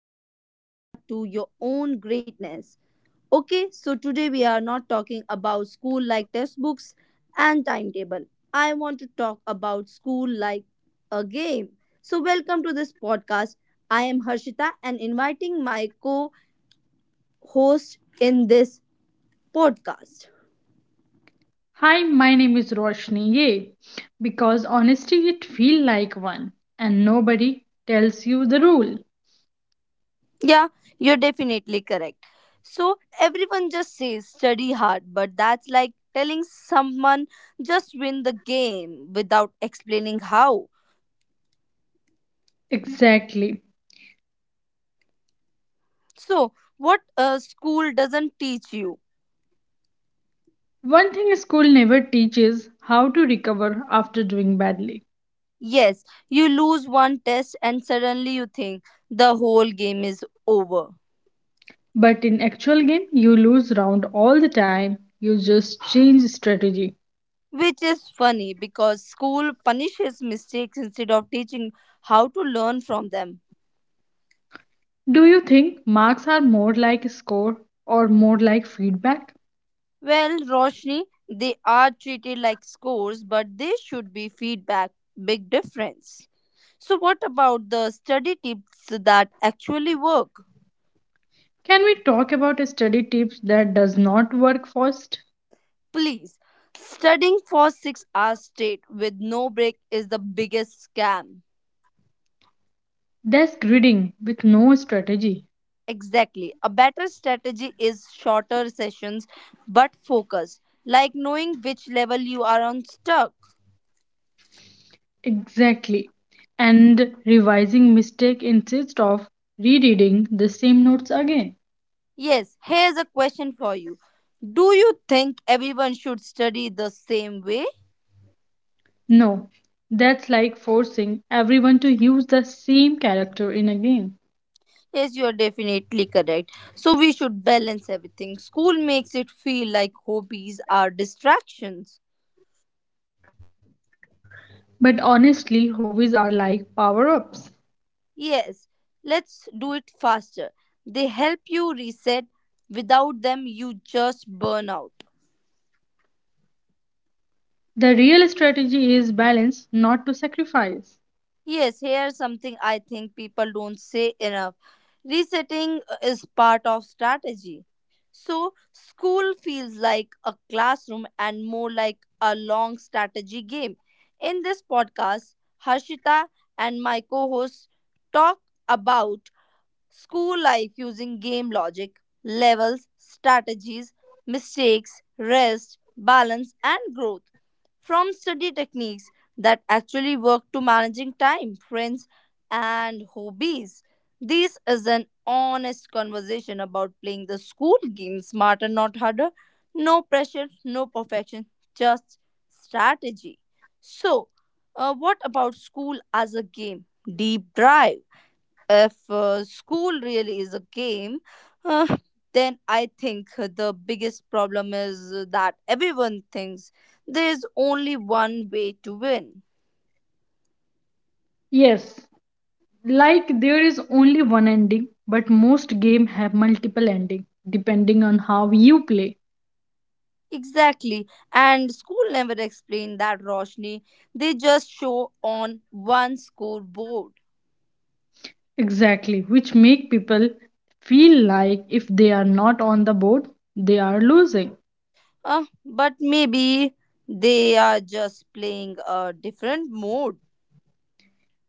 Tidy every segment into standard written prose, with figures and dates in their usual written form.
builds the path to your own greatness. Okay, so today we are not talking about school like textbooks and timetable. I want to talk about school like a game. So, welcome to this podcast. I am Harshita and inviting my co host in this podcast. Hi, my name is Roshni. Yay, because honesty it feel like one, and nobody tells you the rule. Yeah, you're definitely correct. So everyone just says study hard, but that's like telling someone just win the game without explaining how. Exactly. So, what school doesn't teach you? One thing school never teaches how to recover after doing badly. Yes, you lose one test and suddenly you think the whole game is over. But in actual game, you lose round all the time. You just change strategy. Which is funny because school punishes mistakes instead of teaching how to learn from them. Do you think marks are more like score or more like feedback? Well, Roshni, they are treated like scores, but they should be feedback. Big difference. So, what about the study tips that actually work? Can we talk about study tips that does not work first? Please, studying for 6 hours straight with no break is the biggest scam. That's grading with no strategy. Exactly. A better strategy is shorter sessions but focused, like knowing which level you are on stuck. Exactly. And revising mistake instead of rereading the same notes again. Yes, here's a question for you. Do you think everyone should study the same way? No, that's like forcing everyone to use the same character in a game. Yes, you're definitely correct. So we should balance everything. School makes it feel like hobbies are distractions. But honestly, hobbies are like power ups. Yes, let's do it faster. They help you reset. Without them, you just burn out. The real strategy is balance, not to sacrifice. Yes, here's something I think people don't say enough. Resetting is part of strategy. So, school feels like a classroom and more like a long strategy game. In this podcast, Harshita and my co host talk about school life using game logic, levels, strategies, mistakes, rest, balance, and growth. From study techniques that actually work to managing time, friends, and hobbies. This is an honest conversation about playing the school game smarter, not harder. No pressure, no perfection, just strategy. So, what about school as a game? Deep dive. If school really is a game, uh, then I think the biggest problem is that everyone thinks there's only one way to win. Yes, like there is only one ending, but most games have multiple endings depending on how you play. Exactly. And school never explained that, Roshni. They just show on one scoreboard. Exactly, which make people feel like if they are not on the board, they are losing. But maybe they are just playing a different mode.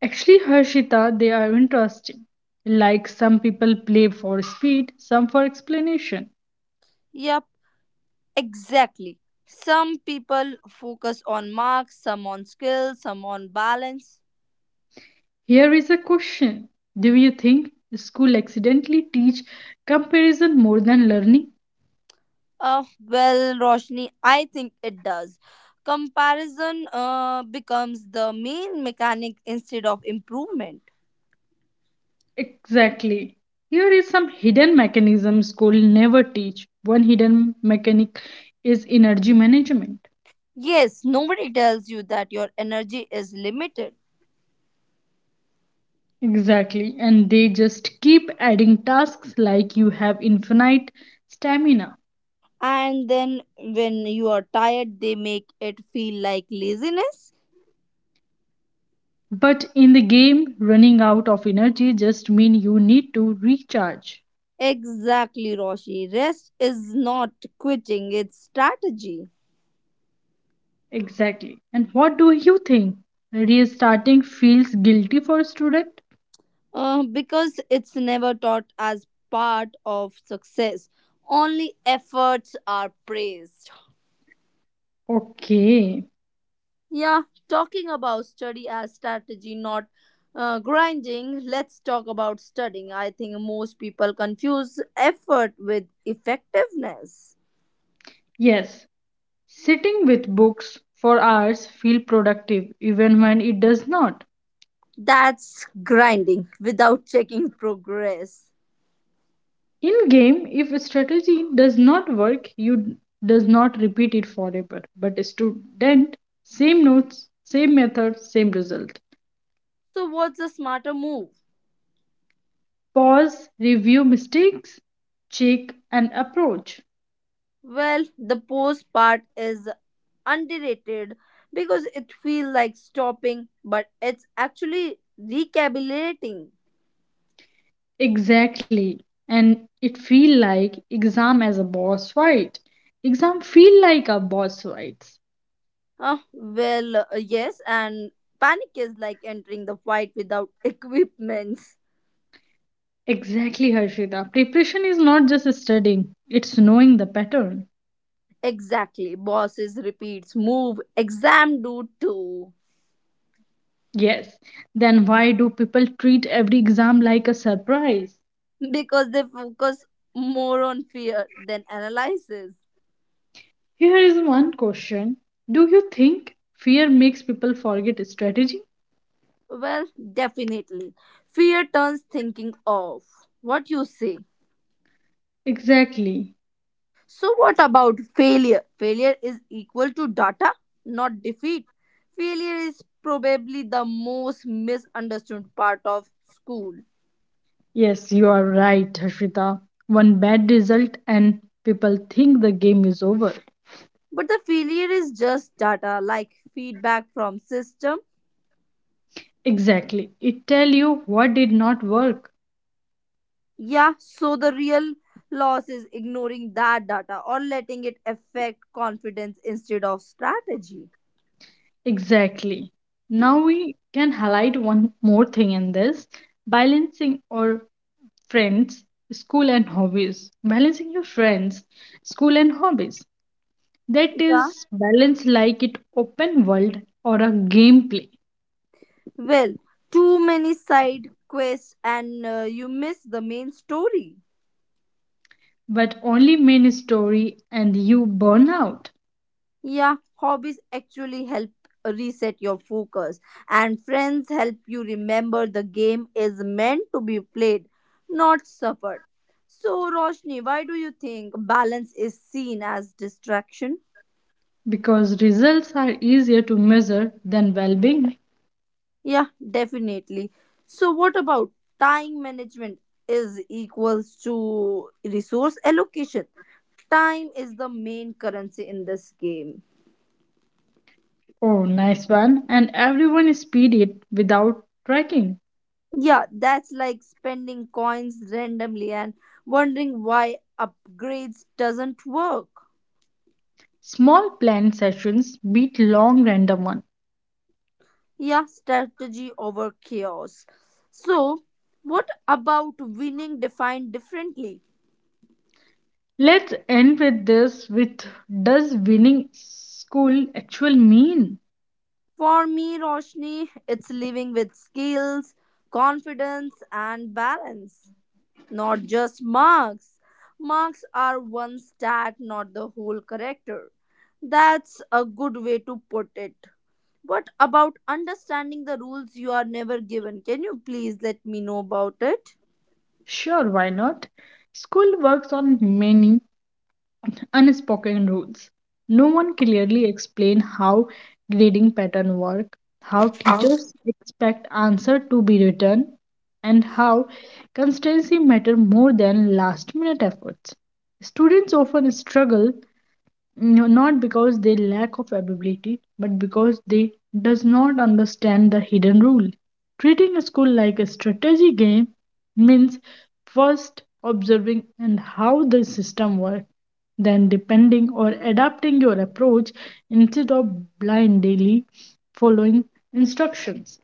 Actually, Harshita, they are interesting. Like some people play for speed, some for explanation. Yep, exactly. Some people focus on marks, some on skills, some on balance. Here is a question. Do you think school accidentally teach comparison more than learning? Well, Roshni, I think it does. Comparison becomes the main mechanic instead of improvement. Exactly. Here is some hidden mechanism school never teach. One hidden mechanic is energy management. Yes, nobody tells you that your energy is limited. Exactly, and they just keep adding tasks like you have infinite stamina. And then when you are tired, they make it feel like laziness. But in the game, running out of energy just mean you need to recharge. Exactly, Roshi. Rest is not quitting, it's strategy. Exactly. And what do you think? Restarting feels guilty for a student? Because it's never taught as part of success, only efforts are praised. Okay. Yeah, talking about study as strategy, not grinding. Let's talk about studying. I think most people confuse effort with effectiveness. Yes. Sitting with books for hours feel productive even when it does not. That's grinding without checking progress. In game, if a strategy does not work, you does not repeat it forever, but a student, same notes, same method, same result. So, what's a smarter move? Pause, review mistakes, check and approach. Well, the pause part is underrated because it feels like stopping, but it's actually recalibrating. Exactly, and it feel like exam as a boss fight. Exam feel like a boss fights. Well, yes, and panic is like entering the fight without equipments. Exactly, Harshita, preparation is not just studying, it's knowing the pattern. Exactly. Bosses repeats move, exam do too. Yes, then why do people treat every exam like a surprise? Because they focus more on fear than analysis. Here is one question. Do you think fear makes people forget strategy? Well, definitely. Fear turns thinking off. What you say? Exactly. So, what about failure? Failure is equal to data, not defeat. Failure is probably the most misunderstood part of school. Yes, you are right, Harshita. One bad result and people think the game is over. But the failure is just data like feedback from system. Exactly. It tell you what did not work. Yeah, so the real loss is ignoring that data or letting it affect confidence instead of strategy. Exactly. Now we can highlight one more thing in this, balancing or friends, school, and hobbies. Balancing your friends, school, and hobbies. That Yeah. is balance, like it open world or a gameplay. Well, too many side quests and you miss the main story. But only main story, and you burn out Yeah, hobbies actually help reset your focus, and friends help you remember the game is meant to be played, not suffered. So, Roshni, why do you think balance is seen as distraction? because results are easier to measure than well-being. Yeah, definitely. So, what about time management is equals to resource allocation? Time is the main currency in this game. Oh, nice one! And everyone speed it without tracking. Yeah, that's like spending coins randomly and wondering why upgrades doesn't work. Small planned sessions beat long random one. Yeah, strategy over chaos. So, what about winning defined differently? Let's end with this, with, does winning school actual mean? For me, Roshni, it's living with skills, confidence, and balance, not just marks. Marks are one stat, not the whole character. That's a good way to put it. What about understanding the rules you are never given? Can you please let me know about it? Sure, why not? School works on many unspoken rules. No one clearly explain how grading pattern work, how teachers expect answer to be written, and how constancy matter more than last minute efforts. Students often struggle, no, not because they lack of ability, but because they does not understand the hidden rule. Treating a school like a strategy game means first observing and how the system works, then depending or adapting your approach instead of blindly following instructions.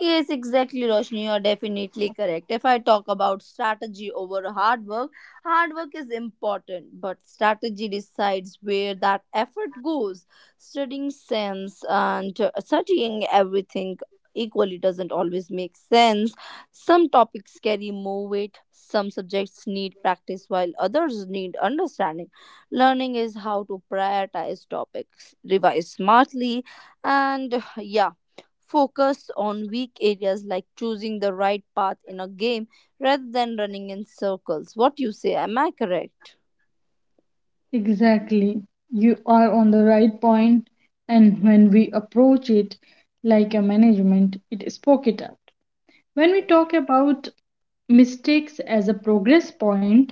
Yes, exactly, Roshni. You're definitely correct. If I talk about strategy over hard work is important, but strategy decides where that effort goes. Studying sense and studying everything equally doesn't always make sense. Some topics carry more weight, some subjects need practice, while others need understanding. Learning is how to prioritize topics, revise smartly, and yeah, focus on weak areas like choosing the right path in a game rather than running in circles. What you say? Am I correct? Exactly. You are on the right point, and when we approach it like a management, it spoke it up. When we talk about mistakes as a progress point,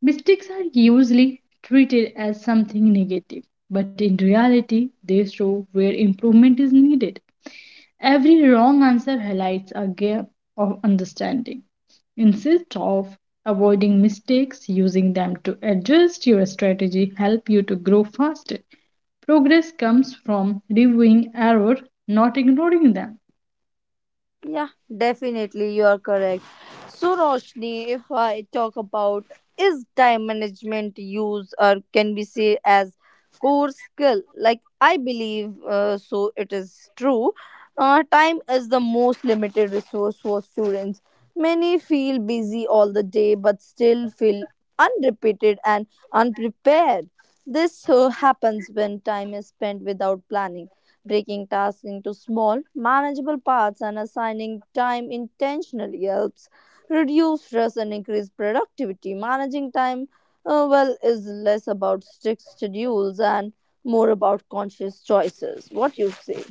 mistakes are usually treated as something negative, but in reality, they show where improvement is needed. Every wrong answer highlights a gap of understanding. Instead of avoiding mistakes, using them to adjust your strategy help you to grow faster. Progress comes from reviewing error, not ignoring them. Yeah, definitely, you are correct. So, Roshni, if I talk about is time management used or can be say as core skill? Like I believe, so it is true. Time is the most limited resource for students. Many feel busy all the day, but still feel unrepeated and unprepared. This happens when time is spent without planning. Breaking tasks into small, manageable parts and assigning time intentionally helps reduce stress and increase productivity. Managing time well is less about strict schedules and more about conscious choices. What you say?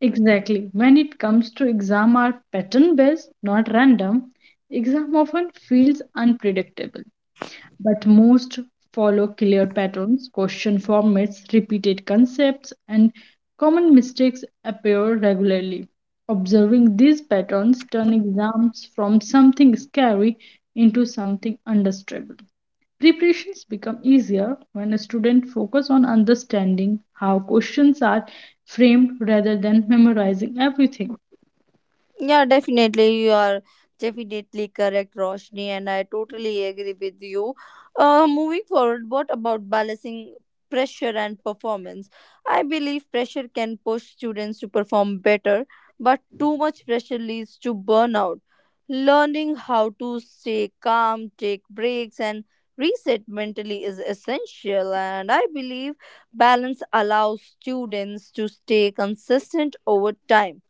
Exactly. When it comes to exam are pattern based, not random, exam often feels unpredictable, but most follow clear patterns, question formats, repeated concepts, and common mistakes appear regularly. Observing these patterns turn exams from something scary into something understandable. Preparations become easier when a student focuses on understanding how questions are framed rather than memorizing everything. Yeah, definitely. You are definitely correct, Roshni, and I totally agree with you. Moving forward, what about balancing pressure and performance? I believe pressure can push students to perform better, but too much pressure leads to burnout. Learning how to stay calm, take breaks, and reset mentally is essential, and I believe balance allows students to stay consistent over time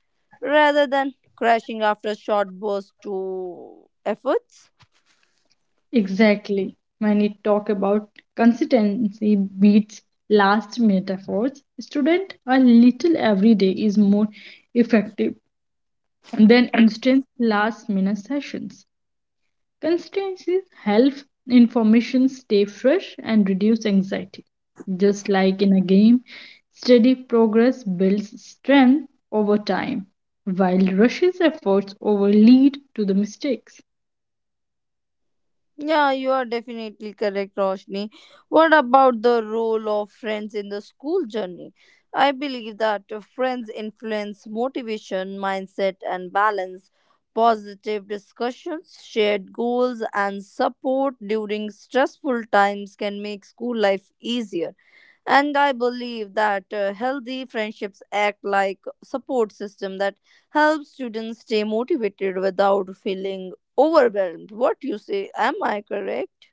rather than crashing after a short burst to efforts. Exactly. When we talk about consistency beats last minute efforts, student a little every day is more effective than instant last minute sessions. Consistency helps information stay fresh and reduce anxiety. Just like in a game, steady progress builds strength over time, while rushes efforts over lead to the mistakes. Yeah, you are definitely correct, Roshni. What about the role of friends in the school journey? I believe that friends influence motivation, mindset, and balance. Positive discussions, shared goals, and support during stressful times can make school life easier. And I believe that healthy friendships act like support system that helps students stay motivated without feeling overwhelmed. What you say? Am I correct?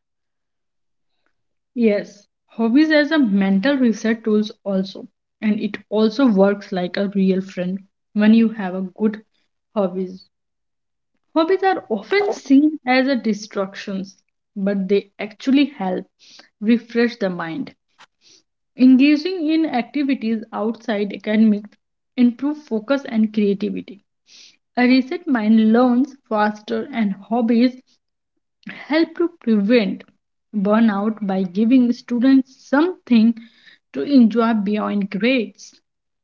Yes, hobbies as a mental reset tools also, and it also works like a real friend when you have a good hobbies. Hobbies are often seen as a distractions, but they actually help refresh the mind. Engaging in activities outside academics improve focus and creativity. A reset mind learns faster and hobbies help to prevent burnout by giving students something to enjoy beyond grades.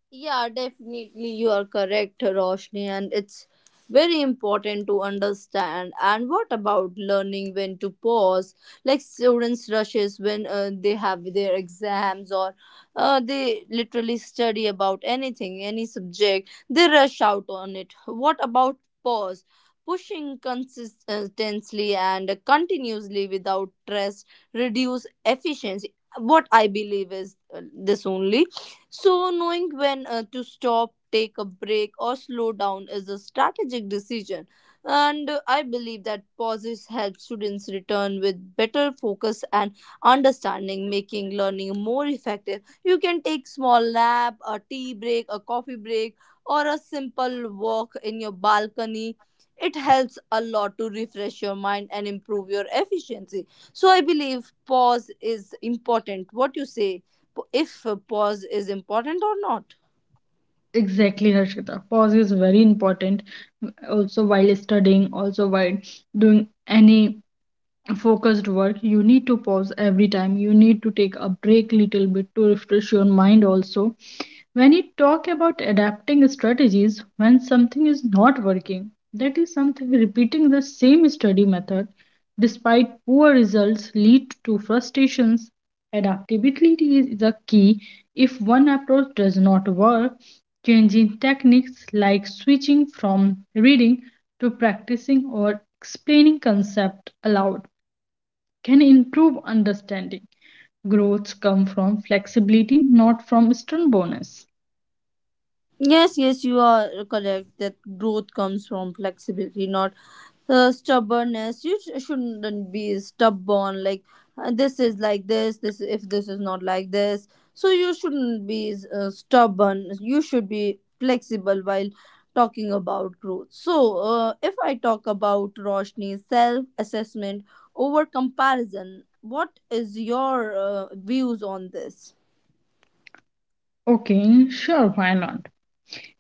Yeah, definitely you are correct, Roshni, and it's very important to understand. And what about learning when to pause? Like students rushes when they have their exams or they literally study about anything, any subject, they rush out on it. What about pause? Pushing consistently and continuously without rest reduce efficiency. What I believe is this only. So, knowing when to stop, take a break, or slow down is a strategic decision. And I believe that pauses help students return with better focus and understanding, making learning more effective. You can take small nap, a tea break, a coffee break, or a simple walk in your balcony. It helps a lot to refresh your mind and improve your efficiency. So I believe pause is important. What you say? If a pause is important or not. Exactly, Harshita. Pause is very important also while studying, also while doing any focused work. You need to pause every time, you need to take a break little bit to refresh your mind. Also when you talk about adapting strategies when something is not working, that is something repeating the same study method despite poor results lead to frustrations. Adaptability is the key. If one approach does not work, changing techniques like switching from reading to practicing or explaining concept aloud can improve understanding. Growths come from flexibility, not from stern bonus. Yes, yes, you are correct that growth comes from flexibility, not stubbornness. You shouldn't be stubborn, like this is like this if this is not like this. So you shouldn't be stubborn. You should be flexible while talking about growth. So if I talk about Roshni's self-assessment over comparison, what is your views on this? Okay, sure, why not?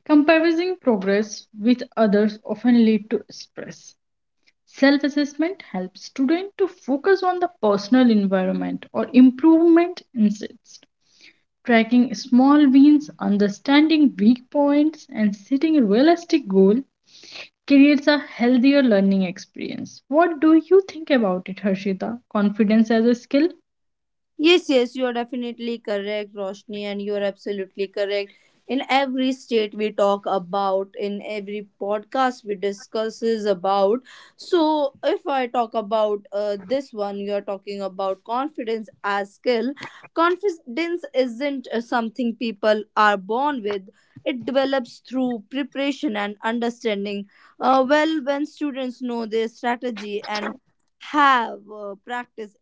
Comparing progress with others often lead to stress. Self-assessment helps students to focus on the personal environment or improvement insights. Tracking small wins, understanding weak points, and setting realistic goals creates a healthier learning experience. What do you think about it, Harshita? Confidence as a skill? Yes, yes, you are definitely correct, Roshni, and you are absolutely correct. In every state we talk about, in every podcast we discusses about. So, if I talk about this one, you are talking about confidence as skill. Confidence isn't something people are born with. It develops through preparation and understanding. Well, when students know their strategy and have practiced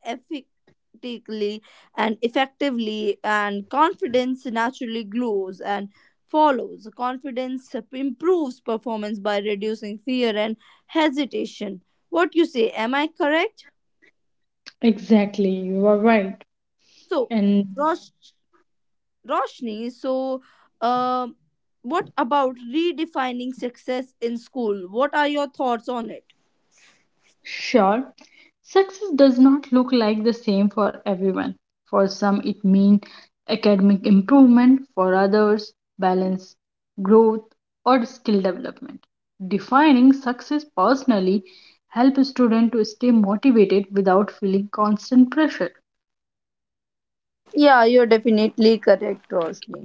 practically and effectively, and confidence naturally grows and follows. Confidence improves performance by reducing fear and hesitation. What you say? Am I correct? Exactly, you are right. So, And Rosh- Roshni, so um what about redefining success in school? What are your thoughts on it? sure, success does not look like the same for everyone. For some, it means academic improvement, for others, balance, growth, or skill development. Defining success personally helps students to stay motivated without feeling constant pressure. Yeah, you're definitely correct, Roshni.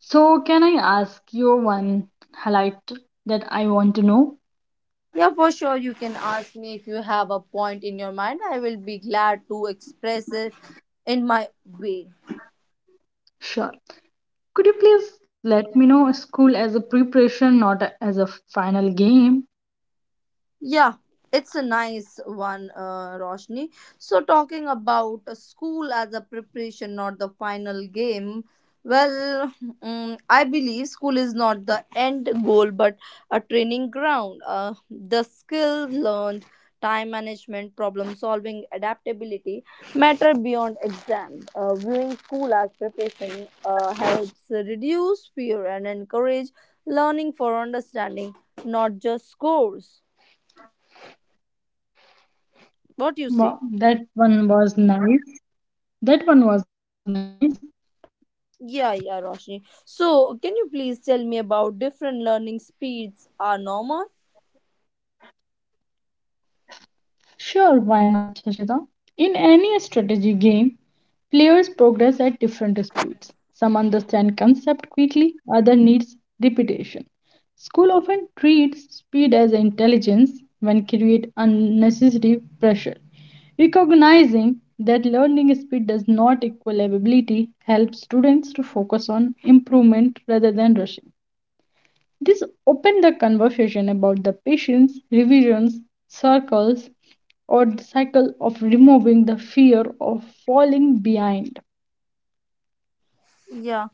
So, can I ask you one highlight that I want to know? Yeah, for sure. You can ask me if you have a point in your mind. I will be glad to express it in my way. Sure. Could you please let me know school as a preparation, not as a final game? Yeah, it's a nice one, Roshni. So, talking about a school as a preparation, not the final game. Well, I believe school is not the end goal, but a training ground. The skills learned, time management, problem solving, adaptability matter beyond exams. Viewing school as preparation helps reduce fear and encourage learning for understanding, not just scores. What do you Wow, say? that one was nice. That one was nice. Yeah, yeah, Roshni. So, can you please tell me about different learning speeds are normal? Sure, why not, Hashida? In any strategy game, players progress at different speeds. Some understand concept quickly, other needs repetition. School often treats speed as intelligence when create unnecessary pressure. Recognizing that learning speed does not equal ability helps students to focus on improvement rather than rushing. This opened the conversation about the patient's revisions, circles, or the cycle of removing the fear of falling behind. Yeah,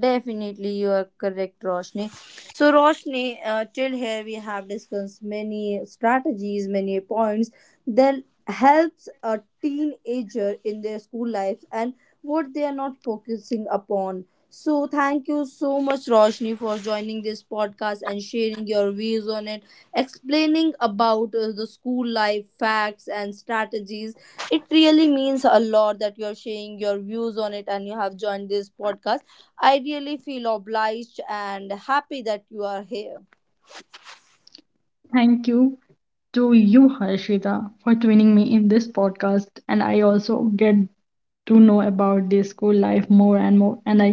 definitely you are correct, Roshni. So, Roshni, till here we have discussed many strategies, many points that helps a teenager in their school life and what they are not focusing upon. So, thank you so much, Roshni, for joining this podcast and sharing your views on it, explaining about the school life facts and strategies. It really means a lot that you're sharing your views on it and you have joined this podcast. I really feel obliged and happy that you are here. Thank you to you, Harshita, for joining me in this podcast. And I also get to know about the school life more and more. And I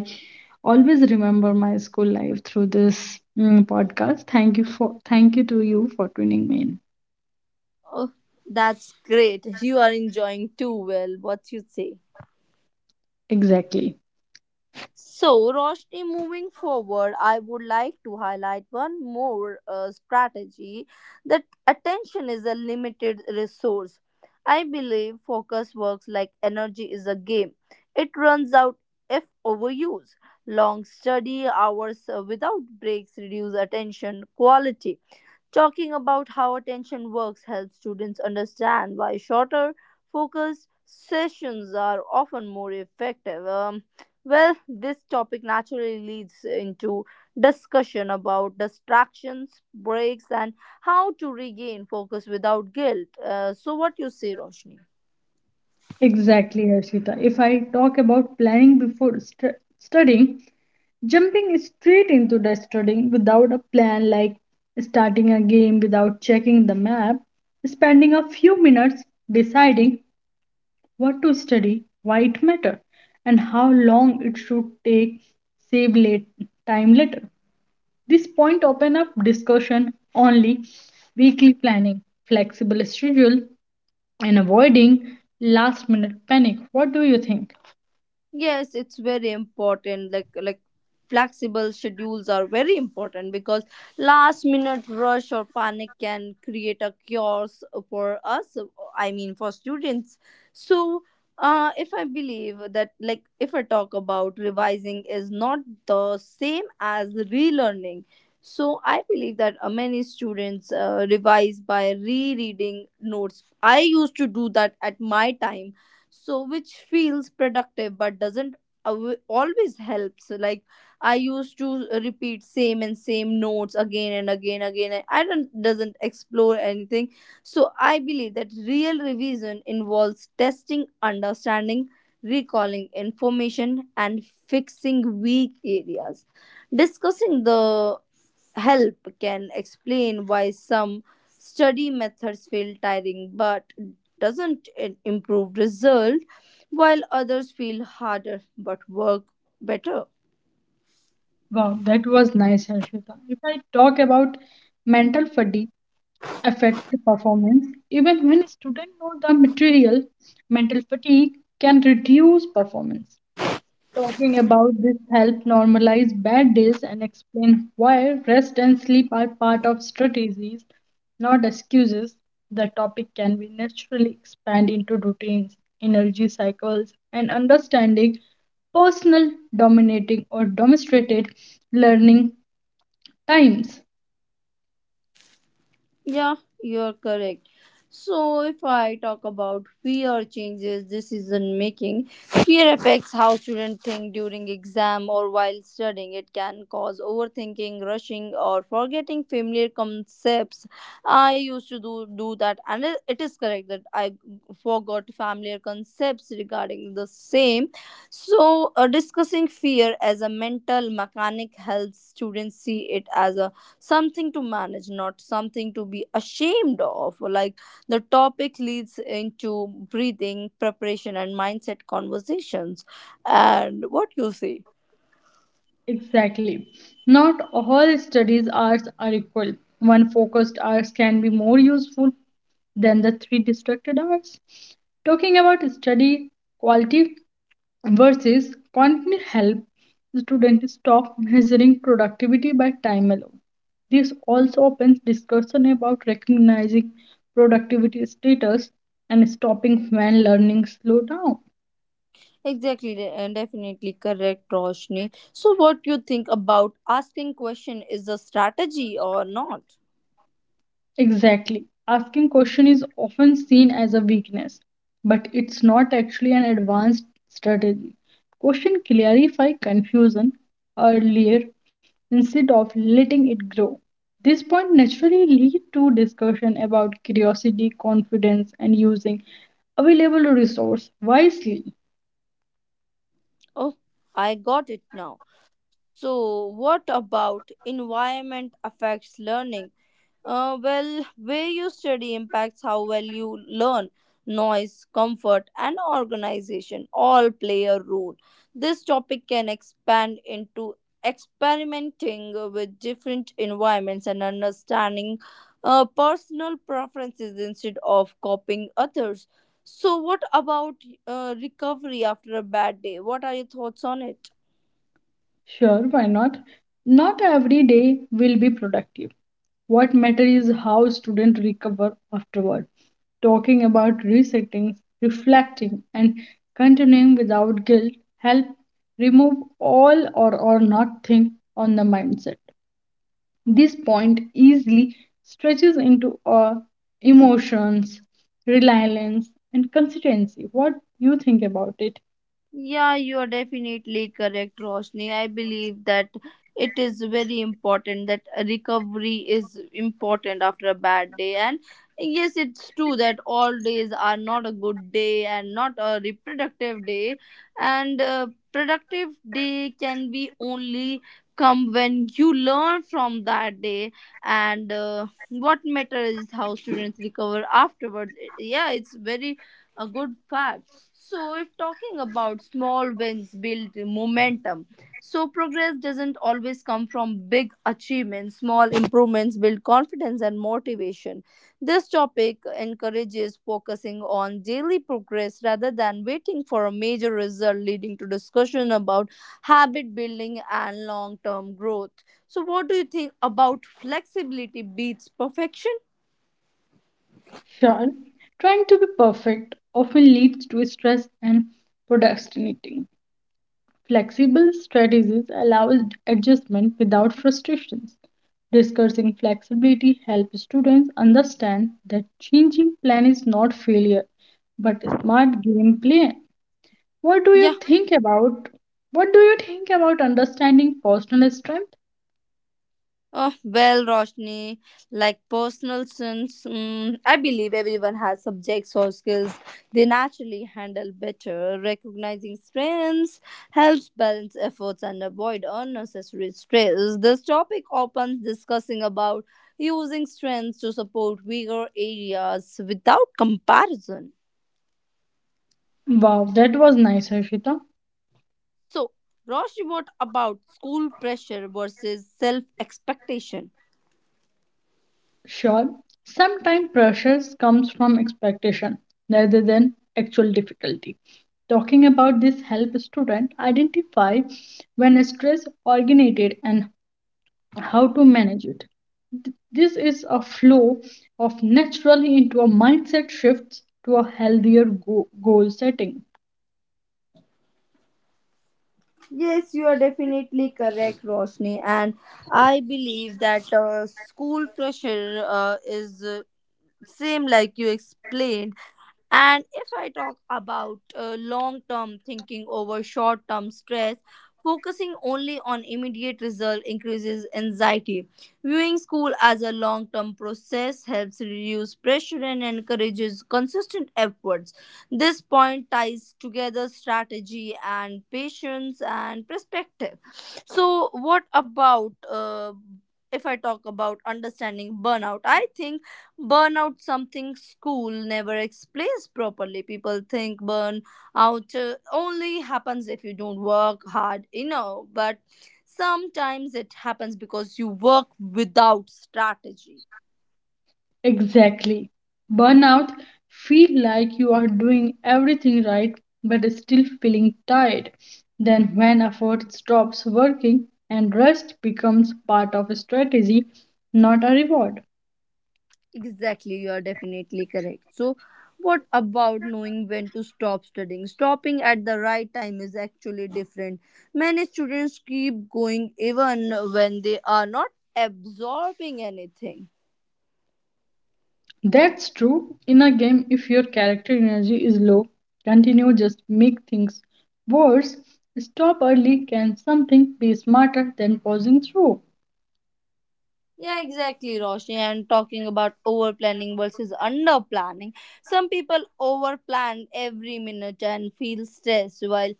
always remember my school life through this podcast. Thank you to you for tuning me in. Oh, that's great. You are enjoying too well. What you say? Exactly. So, Roshni, moving forward, I would like to highlight one more strategy that attention is a limited resource. I believe focus works like energy is a game, it runs out if overused. Long study hours without breaks reduce attention quality. Talking about how attention works helps students understand why shorter, focused sessions are often more effective. Well, this topic naturally leads into discussion about distractions, breaks, and how to regain focus without guilt. So, what you say, Roshni? Exactly, Arshita. If I talk about planning before studying, jumping straight into the studying without a plan, like starting a game without checking the map, spending a few minutes deciding what to study, why it matter, and how long it should take, save late time later. This point open up discussion only weekly planning, flexible schedule, and avoiding last minute panic. What do you think? Yes, it's very important. Like flexible schedules are very important because last minute rush or panic can create a chaos for us. I mean for students. So if I believe that, like, if I talk about revising is not the same as relearning, so I believe that many students revise by rereading notes. I used to do that at my time, so which feels productive but doesn't always help. So like, I used to repeat same and same notes again and again again, and I don't doesn't explore anything. So I believe that real revision involves testing understanding, recalling information, and fixing weak areas. Discussing the help can explain why some study methods feel tiring but doesn't improve result, while others feel harder but work better. Wow, that was nice, Harshita. If I talk about mental fatigue affect performance, even when students know the material, mental fatigue can reduce performance. Talking about this help normalize bad days and explain why rest and sleep are part of strategies, not excuses. The topic can be naturally expand into routines, energy cycles, and understanding personal, dominating, or demonstrated learning times. Yeah, you're correct. So, if I talk about fear changes decision making, fear affects how students think during exam or while studying. It can cause overthinking, rushing, or forgetting familiar concepts. I used to do that, and it is correct that I forgot familiar concepts regarding the same. So, discussing fear as a mental mechanic helps students see it as a something to manage, not something to be ashamed of. Like, the topic leads into breathing preparation and mindset conversations, and what you say? Exactly. Not all studies hours are equal. One focused hours can be more useful than the three distracted hours. Talking about study quality versus content help students stop measuring productivity by time alone. This also opens discussion about recognizing productivity status and stopping when learning slow down. Exactly and definitely correct, Roshni. So what you think about asking question is a strategy or not? Exactly. Asking question is often seen as a weakness, but it's not actually an advanced strategy. Question clarify confusion earlier instead of letting it grow. This point naturally lead to discussion about curiosity, confidence, and using available resource wisely. Oh, I got it now. So what about environment affects learning? Well, where you study impacts how well you learn. Noise, comfort, and organization all play a role. This topic can expand into experimenting with different environments and understanding personal preferences instead of copying others. So, what about recovery after a bad day? What are your thoughts on it? Sure, why not? Not every day will be productive. What matters is how students recover afterward. Talking about resetting, reflecting, and continuing without guilt help remove all or nothing on the mindset. This point easily stretches into emotions, reliance, and consistency. What you think about it? Yeah, you are definitely correct, Roshni. I believe that it is very important that recovery is important after a bad day. And yes, it's true that all days are not a good day and not a reproductive day. And productive day can be only come when you learn from that day, and what matters is how students recover afterwards. Yeah, it's very a good fact. So, if talking about small wins build momentum, so progress doesn't always come from big achievements. Small improvements build confidence and motivation. This topic encourages focusing on daily progress rather than waiting for a major result, leading to discussion about habit building and long term growth. So, what do you think about flexibility beats perfection? Sure, trying to be perfect often leads to stress and procrastinating. Flexible strategies allow adjustment without frustrations. Discussing flexibility helps students understand that changing plan is not failure but a smart game plan. What do Yeah. you think about, what do you think about understanding personal strength? Oh, well, Roshni, like personal sins, mm, I believe everyone has subjects or skills they naturally handle better. Recognizing strengths helps balance efforts and avoid unnecessary stress. This topic opens discussing about using strengths to support weaker areas without comparison. Wow, that was nice, Harshita. So, Roshni, what about school pressure versus self expectation? Sure, sometimes pressures comes from expectation rather than actual difficulty. Talking about this help student identify when stress originated and how to manage it. This is a flow of naturally into a mindset shifts to a healthier goal setting. Yes, you are definitely correct, Roshni. And I believe that school pressure is same like you explained. And if I talk about long term thinking over short term stress, focusing only on immediate result increases anxiety. Viewing school as a long term process helps reduce pressure and encourages consistent efforts. This point ties together strategy and patience and perspective. So, what about if I talk about understanding burnout? I think burnout something school never explains properly. People think burn out only happens if you don't work hard enough, but sometimes it happens because you work without strategy. Exactly. Burnout feel like you are doing everything right but still feeling tired. Then when effort stops working and rest becomes part of a strategy, not a reward. Exactly, you are definitely correct. So what about knowing when to stop studying? Stopping at the right time is actually different. Many students keep going even when they are not absorbing anything. That's true, in a game if your character energy is low, continue just make things worse. Stop early can something be smarter than pausing through. Yeah, exactly, Roshni. And talking about over planning versus under planning, some people over plan every minute and feel stressed, while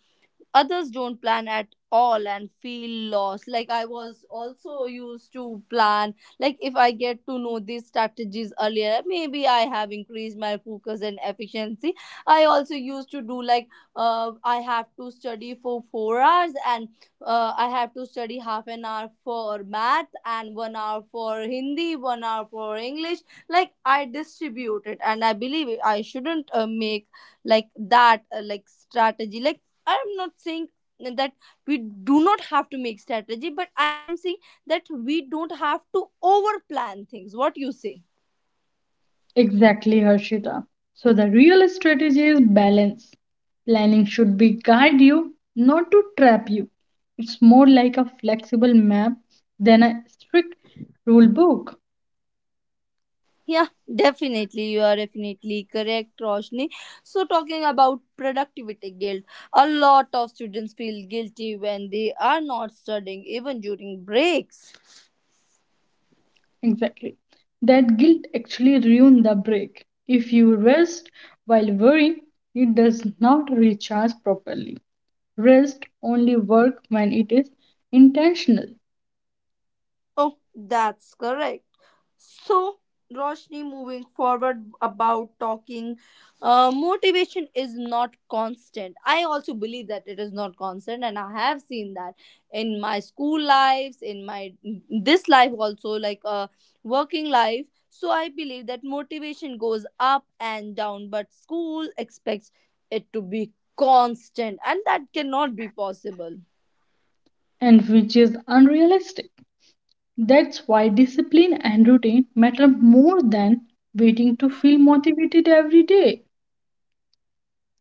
others don't plan at all and feel lost. Like I was also used to plan, like if I get to know these strategies earlier, maybe I have increased my focus and efficiency. I also used to do like, I have to study for 4 hours, and I have to study half an hour for math and 1 hour for hindi, 1 hour for english. Like I distribute it and I believe it. I shouldn't make, like, that like strategy. Like, I'm not saying that we do not have to make strategy, but I am saying that we don't have to over plan things. What you say? Exactly, Harshita. So the real strategy is balance. Planning should be guide you, not to trap you. It's more like a flexible map than a strict rule book. Yeah, definitely. You are definitely correct, Roshni. So, talking about productivity guilt, a lot of students feel guilty when they are not studying, even during breaks. Exactly. That guilt actually ruins the break. If you rest while worrying, it does not recharge properly. Rest only work when it is intentional Oh, that's correct. So, Roshni, moving forward about talking, motivation is not constant. I also believe that it is not constant, and I have seen that in my school lives, in my this life also, like working life. So I believe that motivation goes up and down, but school expects it to be constant, and that cannot be possible. and which is unrealistic. That's why discipline and routine matter more than waiting to feel motivated every day.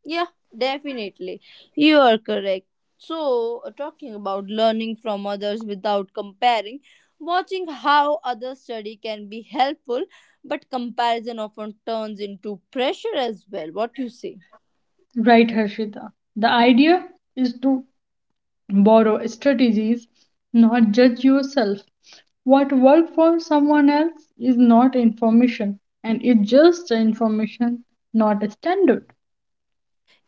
Yeah, definitely. You are correct. So, talking about learning from others without comparing, watching how others study can be helpful, but comparison often turns into pressure as well. What you say? Right, Harshita. The idea is to borrow strategies, not judge yourself. What worked for someone else is not information, and it's just information, not a standard.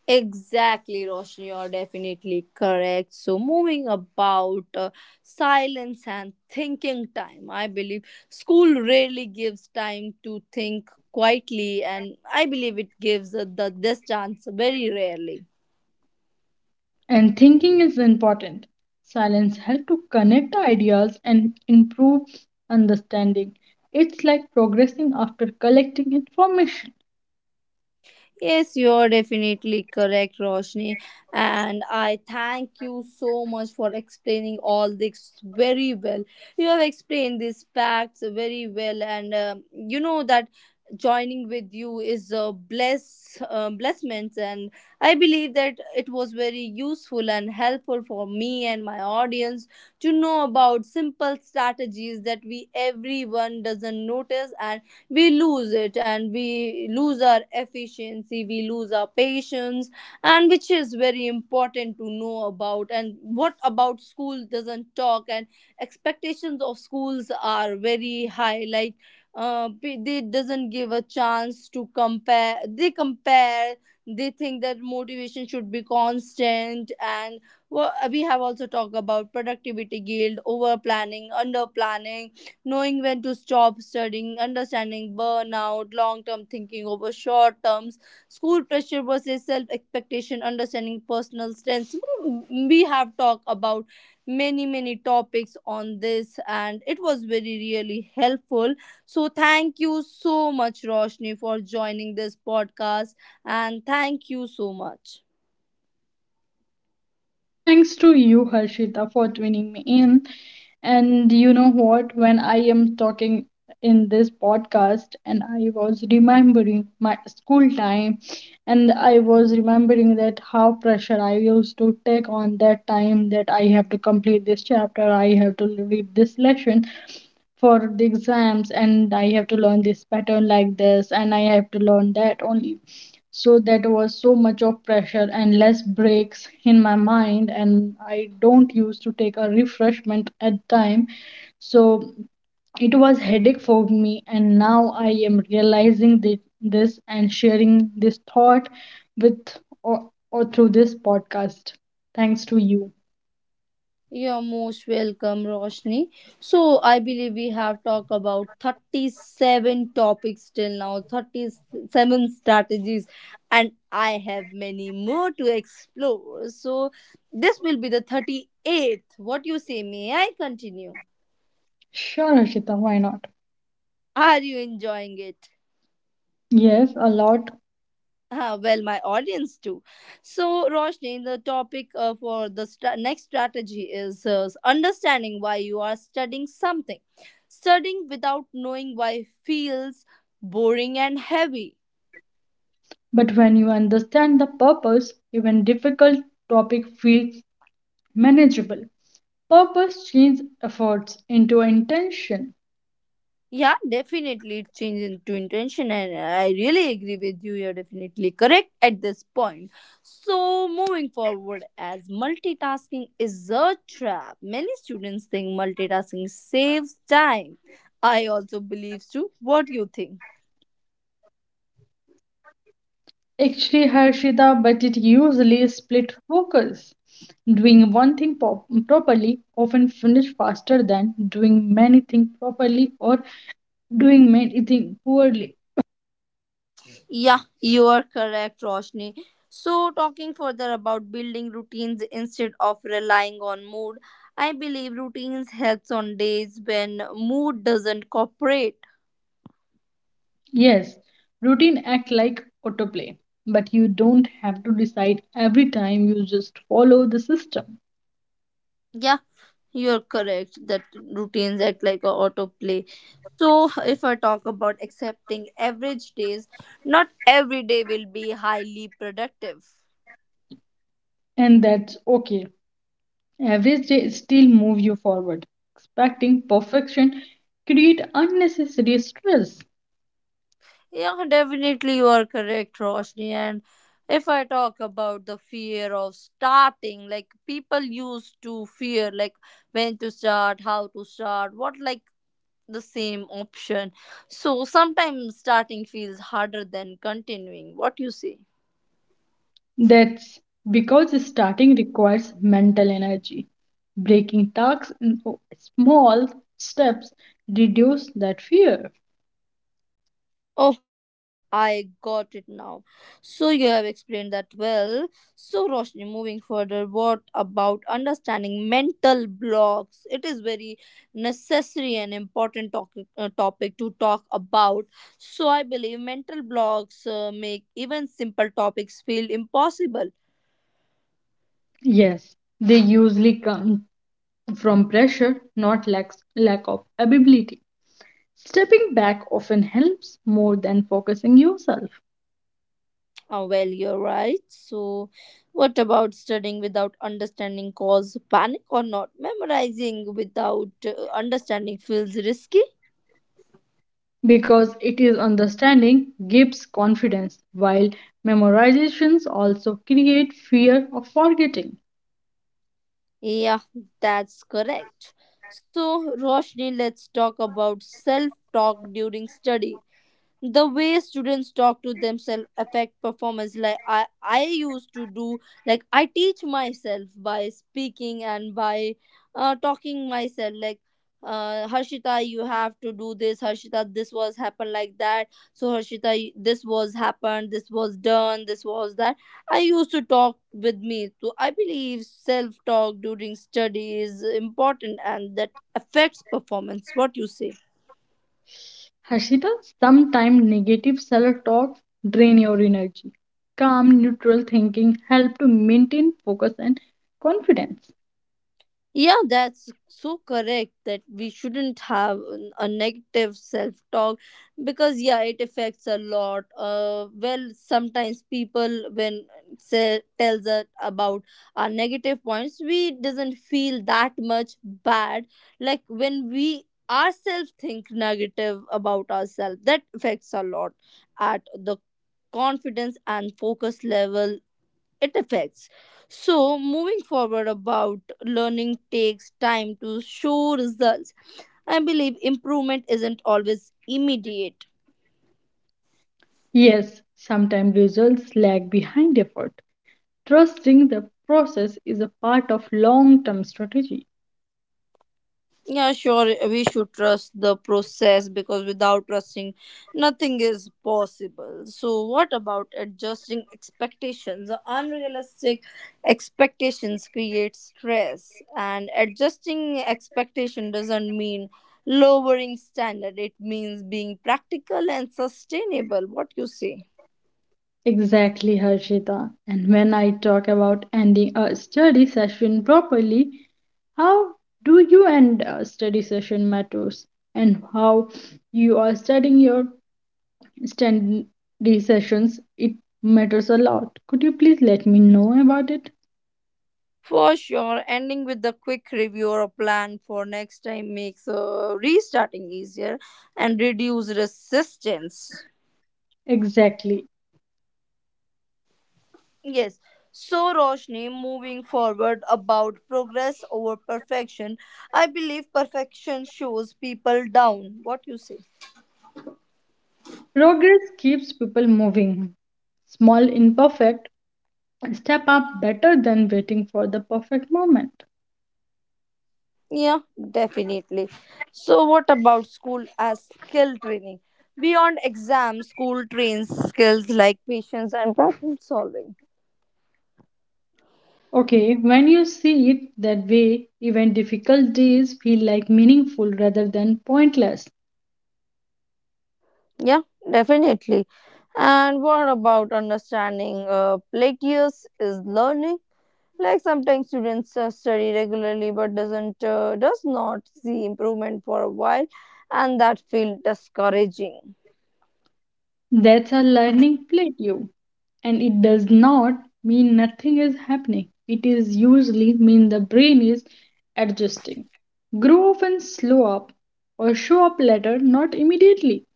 Exactly, Roshni, you're definitely correct. So, moving about silence and thinking time, I believe school rarely gives time to think quietly, and I believe it gives the, this chance very rarely. And thinking is important. Silence helps to connect ideas and improve understanding. It's like progressing after collecting information. Yes, you're definitely correct, Roshni. And I thank you so much for explaining all this very well. You have explained these facts very well, and you know that joining with you is a blessment, and I believe that it was very useful and helpful for me and my audience to know about simple strategies that we everyone doesn't notice and we lose it, and we lose our efficiency, we lose our patience, and which is very important to know about. And what about school doesn't talk, and expectations of schools are very high, like they doesn't give a chance to compare. They compare, they think that motivation should be constant, and well, we have also talked about productivity guild, over planning, under planning, knowing when to stop studying, understanding burnout, long term thinking over short terms, school pressure versus self expectation, understanding personal strengths. Mm, we have talked about many, many topics on this, and it was very, really helpful. So, thank you so much, Roshni, for joining this podcast, and thank you so much. Thanks to you, Harshita, for tuning me in. And you know what? When I am talking in this podcast and I was remembering my school time, and I was remembering that how pressure I used to take on that time that I have to complete this chapter I have to read this lesson for the exams and I have to learn this pattern like this and I have to learn that only so that was so much of pressure and less breaks in my mind and I don't used to take a refreshment at time so it was headache for me and now I am realizing this and sharing this thought with or through this podcast. Thanks to you. You're most welcome, Roshni. So, I believe we have talked about 37 topics till now, 37 strategies, and I have many more to explore. So, this will be the 38th. What you say? May I continue? Sure, Ashita, why not? Are you enjoying it? Yes, a lot. Ah, well, my audience too. So, Roshni, the topic for the next strategy is understanding why you are studying something. Studying without knowing why feels boring and heavy. But when you understand the purpose, even difficult topic feels manageable. Purpose changes efforts into intention. Yeah, definitely it changes into intention, and I really agree with you. You're definitely correct at this point. So, moving forward, as multitasking is a trap, many students think multitasking saves time. I also believe so. What do you think? Actually, Harshita, but it usually split focus. Doing one thing properly often finish faster than doing many things properly or doing many things poorly. Yeah, you are correct, Roshni. So, talking further about building routines instead of relying on mood, I believe routines helps on days when mood doesn't cooperate. Yes, routine act like autoplay, but you don't have to decide every time. You just follow the system, Yeah, you're correct that routines act like a autoplay. So, if I talk about accepting average days, not every day will be highly productive. and that's okay. Average day still move you forward. Expecting perfection create unnecessary stress. Yeah, definitely you are correct, Roshni. And if I talk about the fear of starting, like people used to fear like when to start, how to start, what, like the same option. So sometimes starting feels harder than continuing. What you say? That's because starting requires mental energy. Breaking tasks into small steps reduce that fear. Oh, I got it now. So you have explained that well. So, Roshni, moving further, what about understanding mental blocks? It is very necessary and important talk, topic to talk about. So, I believe mental blocks make even simple topics feel impossible. Yes, they usually come from pressure, not lack of ability. Stepping back often helps more than focusing yourself Oh, well, you're right. So, what about studying without understanding cause panic or not? Memorizing without understanding feels risky. because it is understanding gives confidence, while memorizations also create fear of forgetting. Yeah, that's correct. So, Roshni, let's talk about self talk during study, the way students talk to themselves affect performance. Like I used to do, like I teach myself by speaking and by talking myself like, Harshita, you have to do this, Harshita this was happened like that. So Harshita, this was happened, this was done, this was that. I used to talk with me, so I believe self talk during study is important and that affects performance. What you say? Harshita, sometimes negative self talk drain your energy. Calm, neutral thinking help to maintain focus and confidence. Yeah, that's so correct that we shouldn't have a negative self talk because, yeah, it affects a lot. Well, sometimes people, when say, tells us about our negative points, we doesn't feel that much bad. Like when we ourselves think negative about ourselves, that affects a lot at the confidence and focus level, it affects. So, moving forward about learning takes time to show results. I believe improvement isn't always immediate. Yes, sometimes results lag behind effort. Trusting the process is a part of long term strategy. Yeah, sure. We should trust the process because without trusting, nothing is possible. So, what about adjusting expectations? The unrealistic expectations create stress, and adjusting expectation doesn't mean lowering standard. It means being practical and sustainable. What you say? Exactly, Harshita. And when I talk about ending a study session properly, how do you end a study session matters and how you are studying your study sessions, it matters a lot. Could you please let me know about it? For sure, ending with a quick review or a plan for next time makes restarting easier and reduce resistance. Exactly. Yes. So, Roshni, moving forward about progress over perfection, I believe perfection shows people down. What you say? Progress keeps people moving. Small, imperfect, step up better than waiting for the perfect moment. Yeah, definitely. So, what about school as skill training? Beyond exams, school trains skills like patience and problem solving. Okay, when you see it that way, even difficult days feel like meaningful rather than pointless. Yeah, definitely. And what about understanding? Platius is learning. Like sometimes students study regularly but does not see improvement for a while, and that feels discouraging. That's a learning plateau, and it does not mean nothing is happening. It is usually mean the brain is adjusting. Grow often slow up or show up later, not immediately.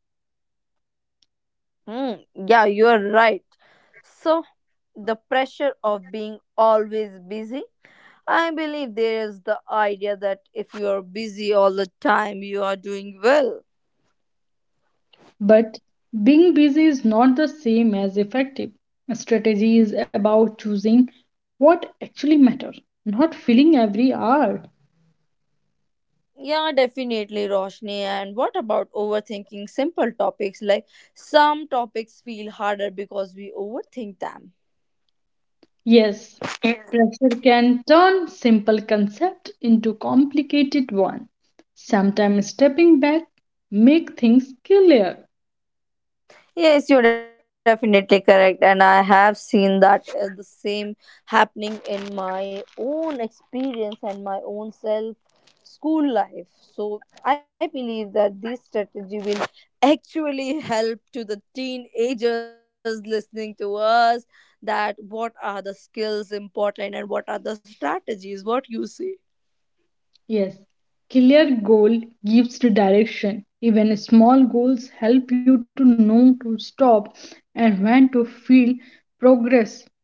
Hmm. Yeah, you are right. So the pressure of being always busy. I believe there is the idea that if you are busy all the time, you are doing well. But being busy is not the same as effective. A strategy is about choosing what actually matters, not filling every hour. Yeah, definitely, Roshni. And what about overthinking simple topics? Like some topics feel harder because we overthink them. Yes, pressure can turn simple concept into complicated one. Sometimes stepping back make things clear. Yes, you're definitely correct, and I have seen that the same happening in my own experience and my own self school life. So I believe that this strategy will actually help to the teenagers listening to us, that what are the skills important and what are the strategies. What you say? Yes, clear goal gives the direction. Even small goals help you to know to stop and when to feel progress.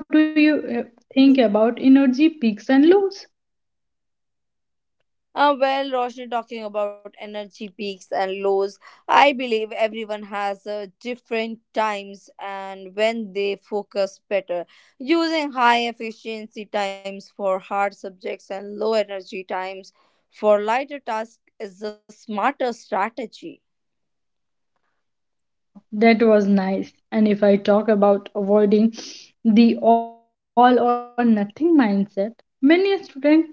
What do you think about energy peaks and lows? Well, Roshni, talking about energy peaks and lows, I believe everyone has different times and when they focus better. Using high efficiency times for hard subjects and low energy times for lighter tasks is the smarter strategy. Wow, that was nice. And if I talk about avoiding the all or nothing mindset, many a student thinks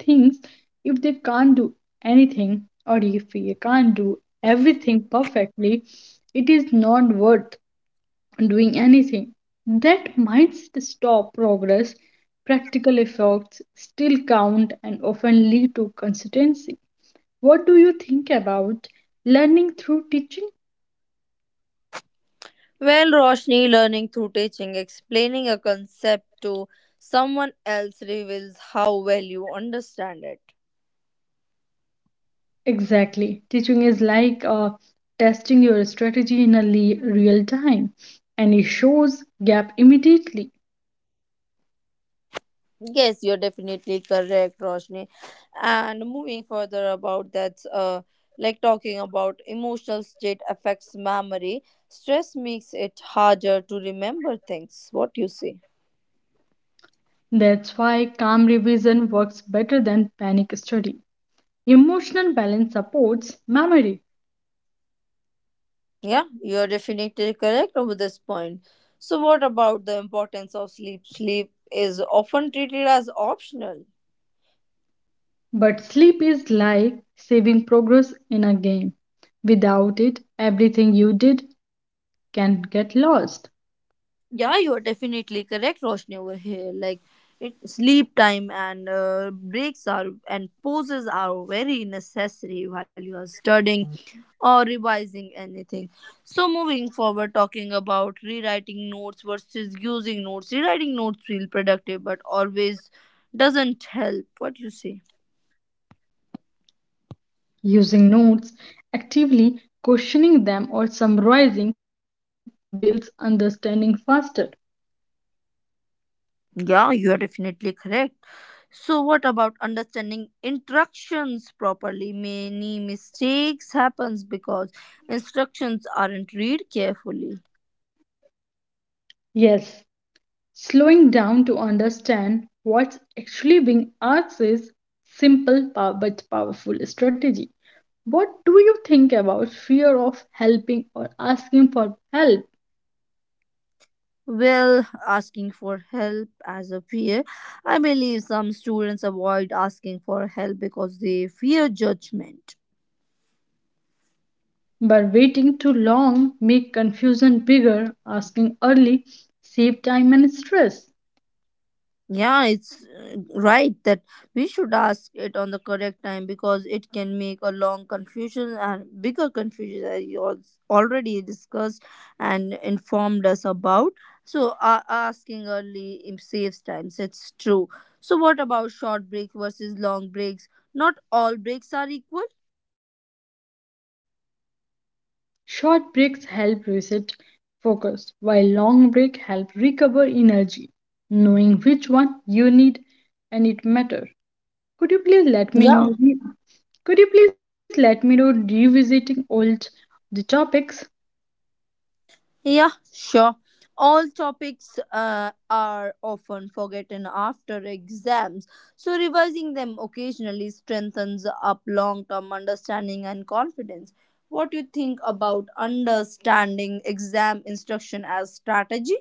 if they can't do anything or if they can't do everything perfectly, it is not worth doing anything. That mindset stop progress, practical effects still count and often lead to consistency. What do you think about learning through teaching? Well, Roshni, learning through teaching, explaining a concept to someone else reveals how well you understand it. Exactly. Teaching is like testing your strategy in a real time, and it shows gap immediately. Yes, you're definitely correct, Roshni. And moving further about that's like talking about emotional state affects memory. Stress makes it harder to remember things. What you say? That's why calm revision works better than panic study. Emotional balance supports memory, Yeah, you're definitely correct over this point. So what about the importance of sleep? Sleep is often treated as optional. but sleep is like saving progress in a game. Without it, everything you did can get lost. Yeah, you are definitely correct, Roshni, over here. Like, it, sleep time and breaks are and pauses are very necessary while you are studying or revising anything. So, moving forward, talking about rewriting notes versus using notes. Rewriting notes feel productive, but always doesn't help. What you say? Using notes, actively questioning them, or summarizing builds understanding faster. Yeah, you are definitely correct. So, what about understanding instructions properly? Many mistakes happens because instructions aren't read carefully. Yes, slowing down to understand what's actually being asked is simple but powerful strategy. What do you think about fear of helping or asking for help? Well, asking for help as a fear. I believe some students avoid asking for help because they fear judgment. But waiting too long make confusion bigger. Asking early save time and stress. Yeah, it's right that we should ask it on the correct time because it can make a long confusion and bigger confusion as you already discussed and informed us about. So, asking early saves times. It's true. So, what about short break versus long breaks? Not all breaks are equal. Short breaks help reset focus, while long break help recover energy. Knowing which one you need and it matter. Could you please let me Yeah. know? Could you please let me know revisiting old the topics? Yeah, sure. All topics are often forgotten after exams, so revising them occasionally strengthens up long-term understanding and confidence. What do you think about understanding exam instruction as strategy?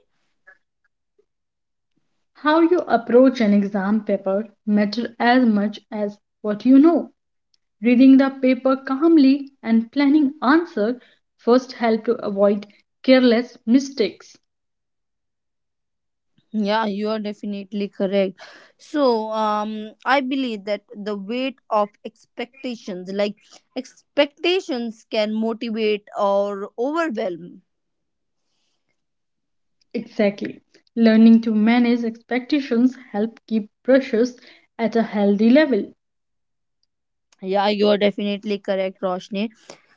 How you approach an exam paper matter as much as what you know. Reading the paper calmly and planning answer first help to avoid careless mistakes. Yeah, you are definitely correct. So, I believe that the weight of expectations, like expectations, can motivate or overwhelm. Exactly. Learning to manage expectations help keep pressures at a healthy level. Yeah, you're definitely correct, Roshni.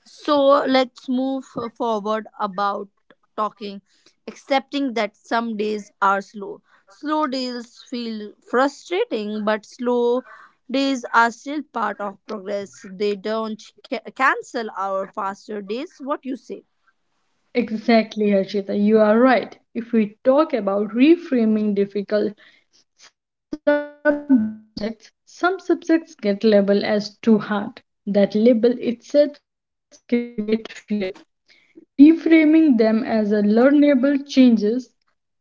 So let's move forward about talking, accepting that some days are slow. Slow days feel frustrating, but slow days are still part of progress. They don't cancel our faster days. What you say? Exactly, Archita. You are right. If we talk about reframing difficult subjects, some subjects get labeled as too hard. That label itself creates fear. Reframing them as a learnable changes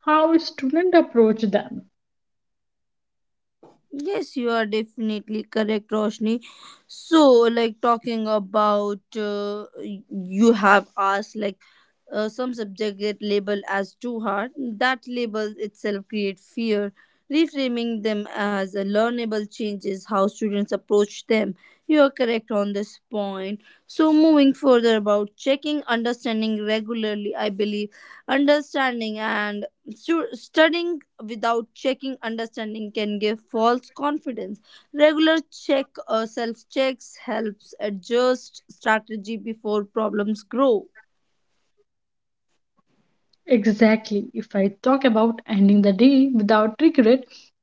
how students approach them. Yes, you are definitely correct, Roshni. So, like talking about, you have asked like, uh, some subjects get labeled as too hard. That label itself creates fear. Reframing them as a learnable changes how students approach them. You are correct on this point. So, moving further about checking understanding regularly, I believe understanding and studying without checking understanding can give false confidence. Regular check or self checks helps adjust strategy before problems grow. Exactly. If I talk about ending the day without regret,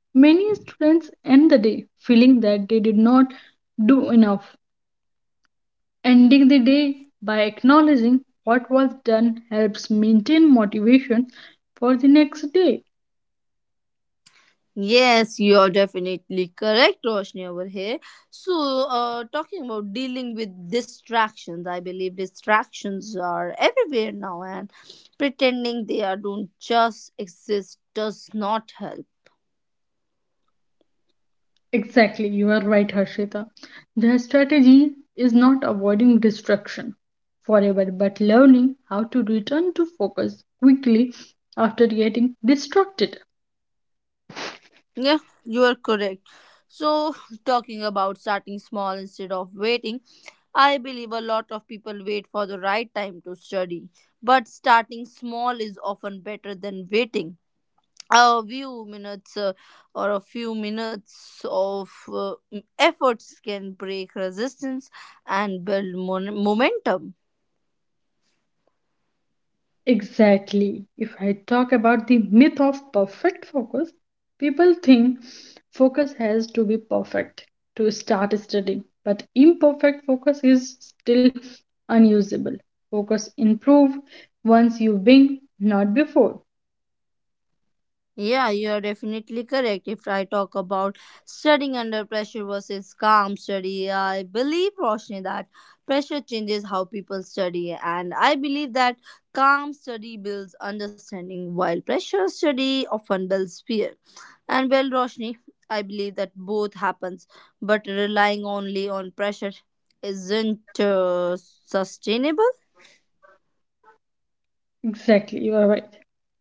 many students end the day feeling that they did not do enough. Ending the day by acknowledging what was done helps maintain motivation for the next day. Yes, you are definitely correct, Roshni, over here. So, talking about dealing with distractions, I believe distractions are everywhere now, and pretending they are don't just exist does not help. Exactly, you are right, Harshita. Their strategy is not avoiding distraction forever but learning how to return to focus quickly after getting distracted. Yeah, you are correct. So, talking about starting small instead of waiting, I believe a lot of people wait for the right time to study, but starting small is often better than waiting. A few minutes or a few minutes of efforts can break resistance and build momentum. Exactly. If I talk about the myth of perfect focus, people think focus has to be perfect to start studying, but imperfect focus is still unusable. Focus improve once you win, not before. Yeah, you are definitely correct. If I talk about studying under pressure versus calm study, I believe, Roshni, that pressure changes how people study, and I believe that calm study builds understanding while pressure study often builds fear. And well, Roshni, I believe that both happens, but relying only on pressure isn't sustainable. Exactly, you are right.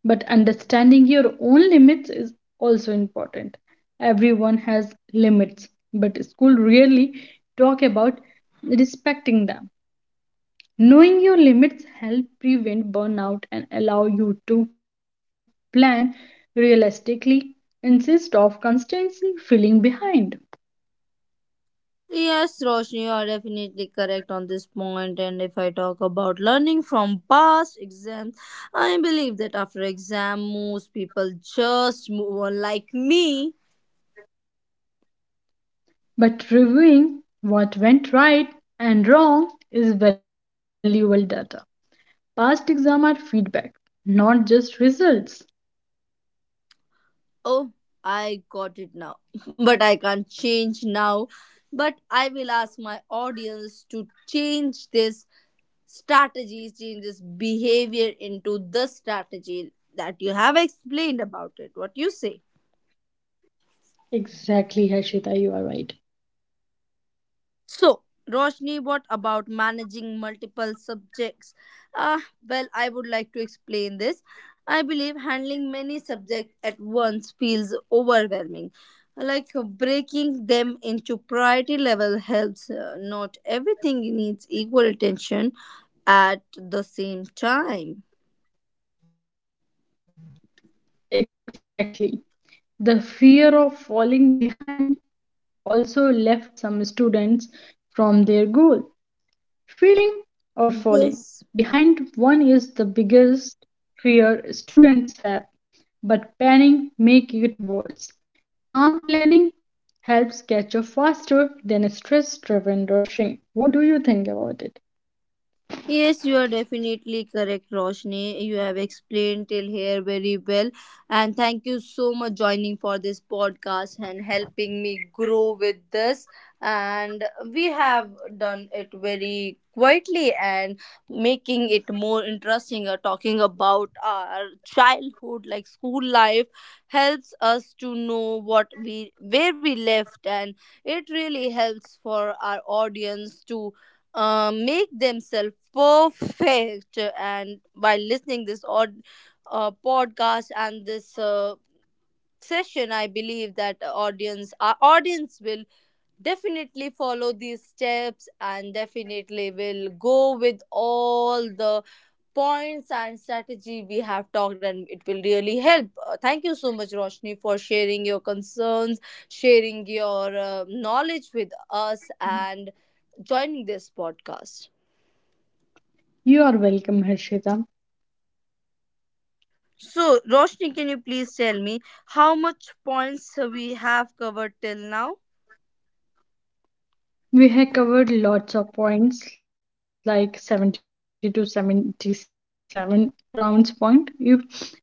But understanding your own limits is also important. Everyone has limits, but school really talk about respecting them. Knowing your limits help prevent burnout and allow you to plan realistically instead of constantly feeling behind. Yes, Roshni, you are definitely correct on this point. And if I talk about learning from past exams, I believe that after exam, most people just move on like me. But reviewing what went right and wrong is valuable data. Past exam are feedback, not just results. Oh, I got it now, but I can't change now. But I will ask my audience to change this. Strategies changes behavior into the strategy that you have explained about it. What you say? Exactly, Harshita, you are right. So Roshni, what about managing multiple subjects? Uh, well I would like to explain this. I believe handling many subjects at once feels overwhelming. Like, breaking them into priority level helps, not everything needs equal attention at the same time. Exactly. The fear of falling behind also left some students from their goal. Failing or falling. Behind one This, is the biggest fear students have, but planning makes it worse. Calm planning helps catch up faster than stress driven rushing. What do you think about it? yes, you are definitely correct, Roshni. You have explained till here very well. And thank you so much joining for this podcast and helping me grow with this. And we have done it very quietly and making it more interesting, talking about our childhood like school life helps us to know what we where we left, and it really helps for our audience to make themselves perfect. And by listening this odd podcast and this session, I believe that audience, our audience will definitely follow these steps and definitely will go with all the points and strategy we have talked, and it will really help. Thank you so much, Roshni, for sharing your concerns, sharing your knowledge with us and joining this podcast. You are welcome, Harshita. So, Roshni, can you please tell me how much points we have covered till now? We have covered lots of points like 70 to 77 rounds point. If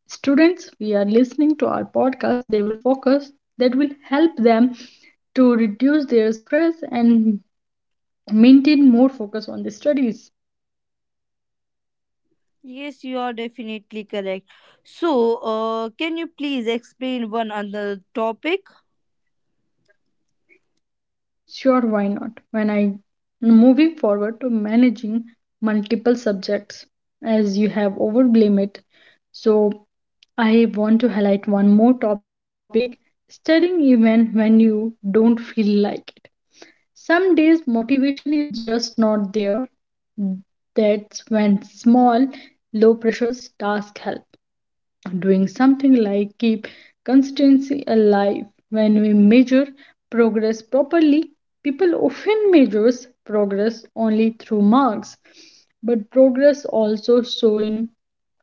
students we are listening to our podcast, they will focus that will help them to reduce their stress and maintain more focus on the studies. Yes, you are definitely correct. So, can you please explain one other topic? Sure, why not? When I moving forward to managing multiple subjects, as you have overblamed it, so I want to highlight one more topic studying even when you don't feel like it. Some days motivation is just not there. That's when small, low pressures task help doing something like keep consistency alive when we measure progress properly people often measures progress only through marks but progress also show in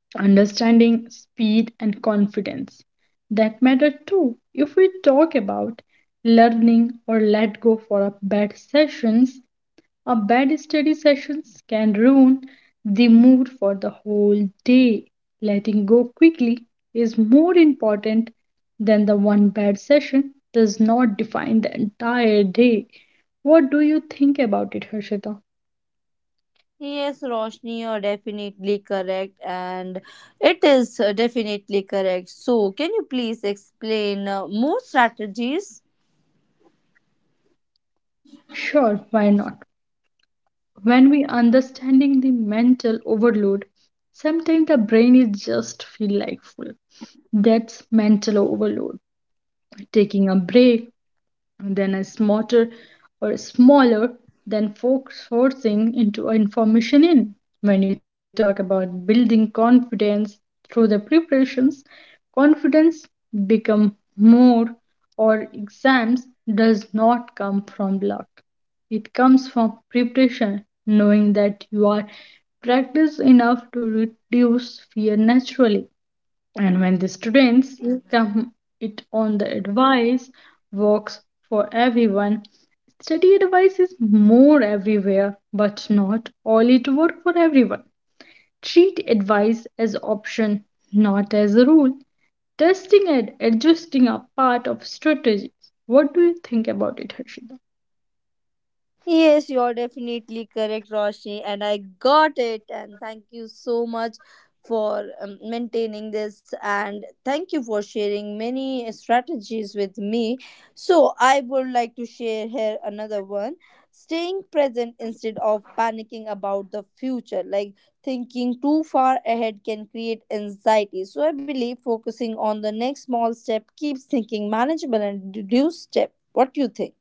understanding speed and confidence that matter too if we talk about learning or let go for a bad sessions a bad study sessions can ruin the mood for the whole day. Letting go quickly is more important than the one bad session does not define the entire day. What do you think about it, Harshita? Yes, Roshni, you're definitely correct, and it is definitely correct. So, can you please explain more strategies? Sure, why not? When we understanding the mental overload, sometimes the brain is just feel like full. That's mental overload. Taking a break and then a smarter or smaller than folk forcing into information in. When you talk about building confidence through the preparations, confidence become more or exams does not come from luck. It comes from preparation, knowing that you are practiced enough to reduce fear naturally and when the students come it on the advice works for everyone study advice is more everywhere but not all it work for everyone treat advice as option not as a rule testing and adjusting are part of strategies what do you think about it Harshita? Yes, you're definitely correct, Roshni, and I got it. And thank you so much for maintaining this, and thank you for sharing many strategies with me. So, I would like to share here another one, staying present instead of panicking about the future. Like thinking too far ahead can create anxiety. So, I believe focusing on the next small step keeps thinking manageable and reduce step. What do you think?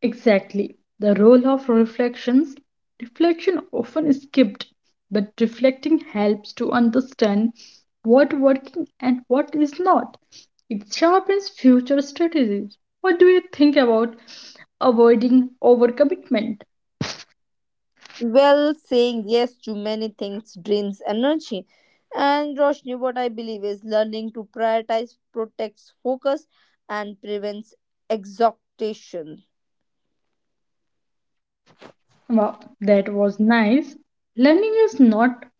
Exactly. The role of reflections. Reflection often is skipped, but reflecting helps to understand what working and what is not. It sharpens future strategies. What do you think about avoiding overcommitment? Well, saying yes to many things drains energy. And Roshni, what I believe is learning to prioritize protects focus and prevents exhaustion. Wow, that was nice. Learning is not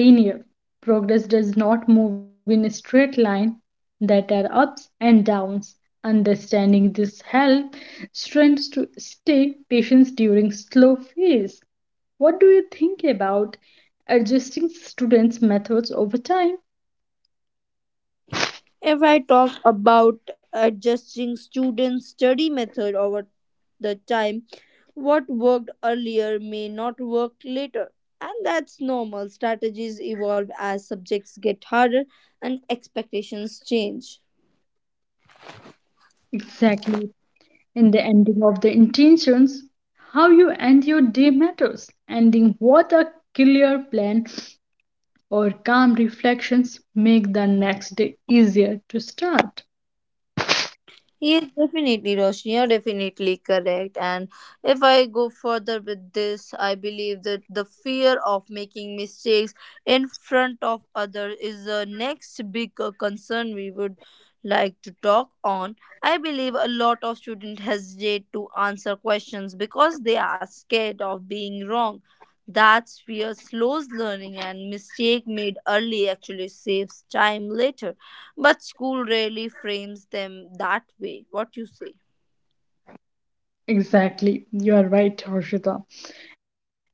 linear. Progress does not move in a straight line. There are ups and downs. Understanding this helps students to stay patient during slow phase. What do you think about adjusting students' methods over time? If I talk about adjusting students' study method over the time, what worked earlier may not work later. And that's normal. Strategies evolve as subjects get harder and expectations change. Exactly. In the ending of the intentions, how you end your day matters. Ending what a clear plan or calm reflections make the next day easier to start. Yes, definitely, Roshni. You're definitely correct. And if I go further with this, I believe that the fear of making mistakes in front of others is the next big concern we would like to talk on. I believe a lot of students hesitate to answer questions because they are scared of being wrong. That fear slows learning, and mistake made early actually saves time later. But school really frames them that way. What you say? Exactly, you are right, Harshita.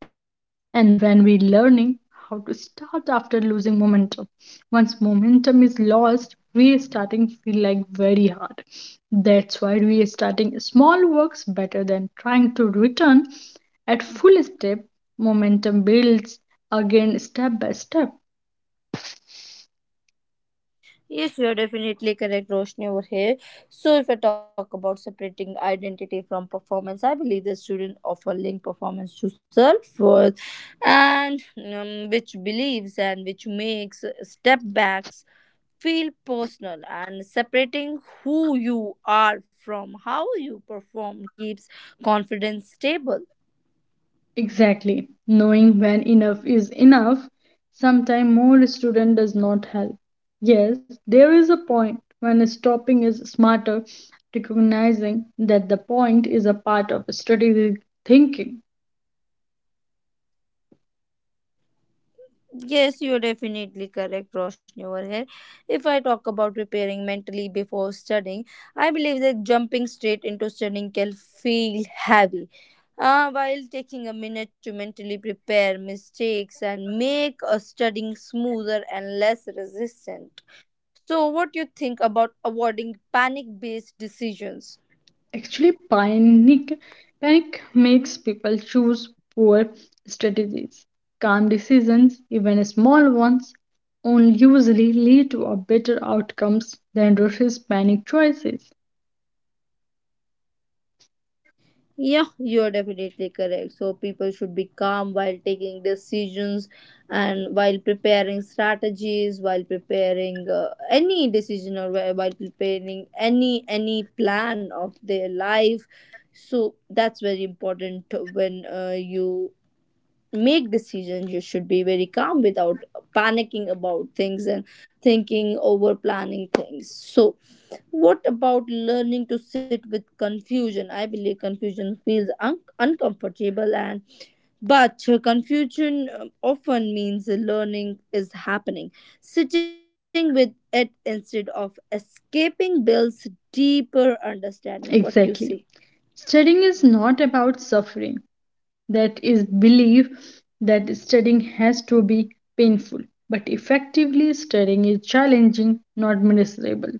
And when we learning how to start after losing momentum, once momentum is lost, restarting feel like very hard. That's why restarting small works better than trying to return at full step. Momentum builds again step by step. Yes, you are definitely correct, Roshni, over here. So, if I talk about separating identity from performance, I believe the student often link performance to self worth, and which believes and which makes step backs feel personal. And separating who you are from how you perform keeps confidence stable. Exactly. Knowing when enough is enough, sometime more student does not help. Yes, there is a point when stopping is smarter, recognizing that the point is a part of strategic thinking. Yes, you're definitely correct, Roshni, over here. If I talk about preparing mentally before studying, I believe that jumping straight into studying can feel heavy. While taking a minute to mentally prepare mistakes and make a studying smoother and less resistant. So, what do you think about avoiding panic based decisions? Actually, panic makes people choose poor strategies. Calm decisions, even small ones, only usually lead to a better outcomes than rushes panic choices. Yeah, you're definitely correct. So people should be calm while taking decisions and while preparing strategies, while preparing any decision or while preparing any plan of their life. So that's very important when you make decisions. You should be very calm without panicking about things and thinking over planning things. So what about learning to sit with confusion? I believe confusion feels uncomfortable, and but confusion often means learning is happening. Sitting with it instead of escaping builds deeper understanding. What you say? Exactly. Studying is not about suffering. That is belief that studying has to be painful. But effectively studying is challenging, not miserable.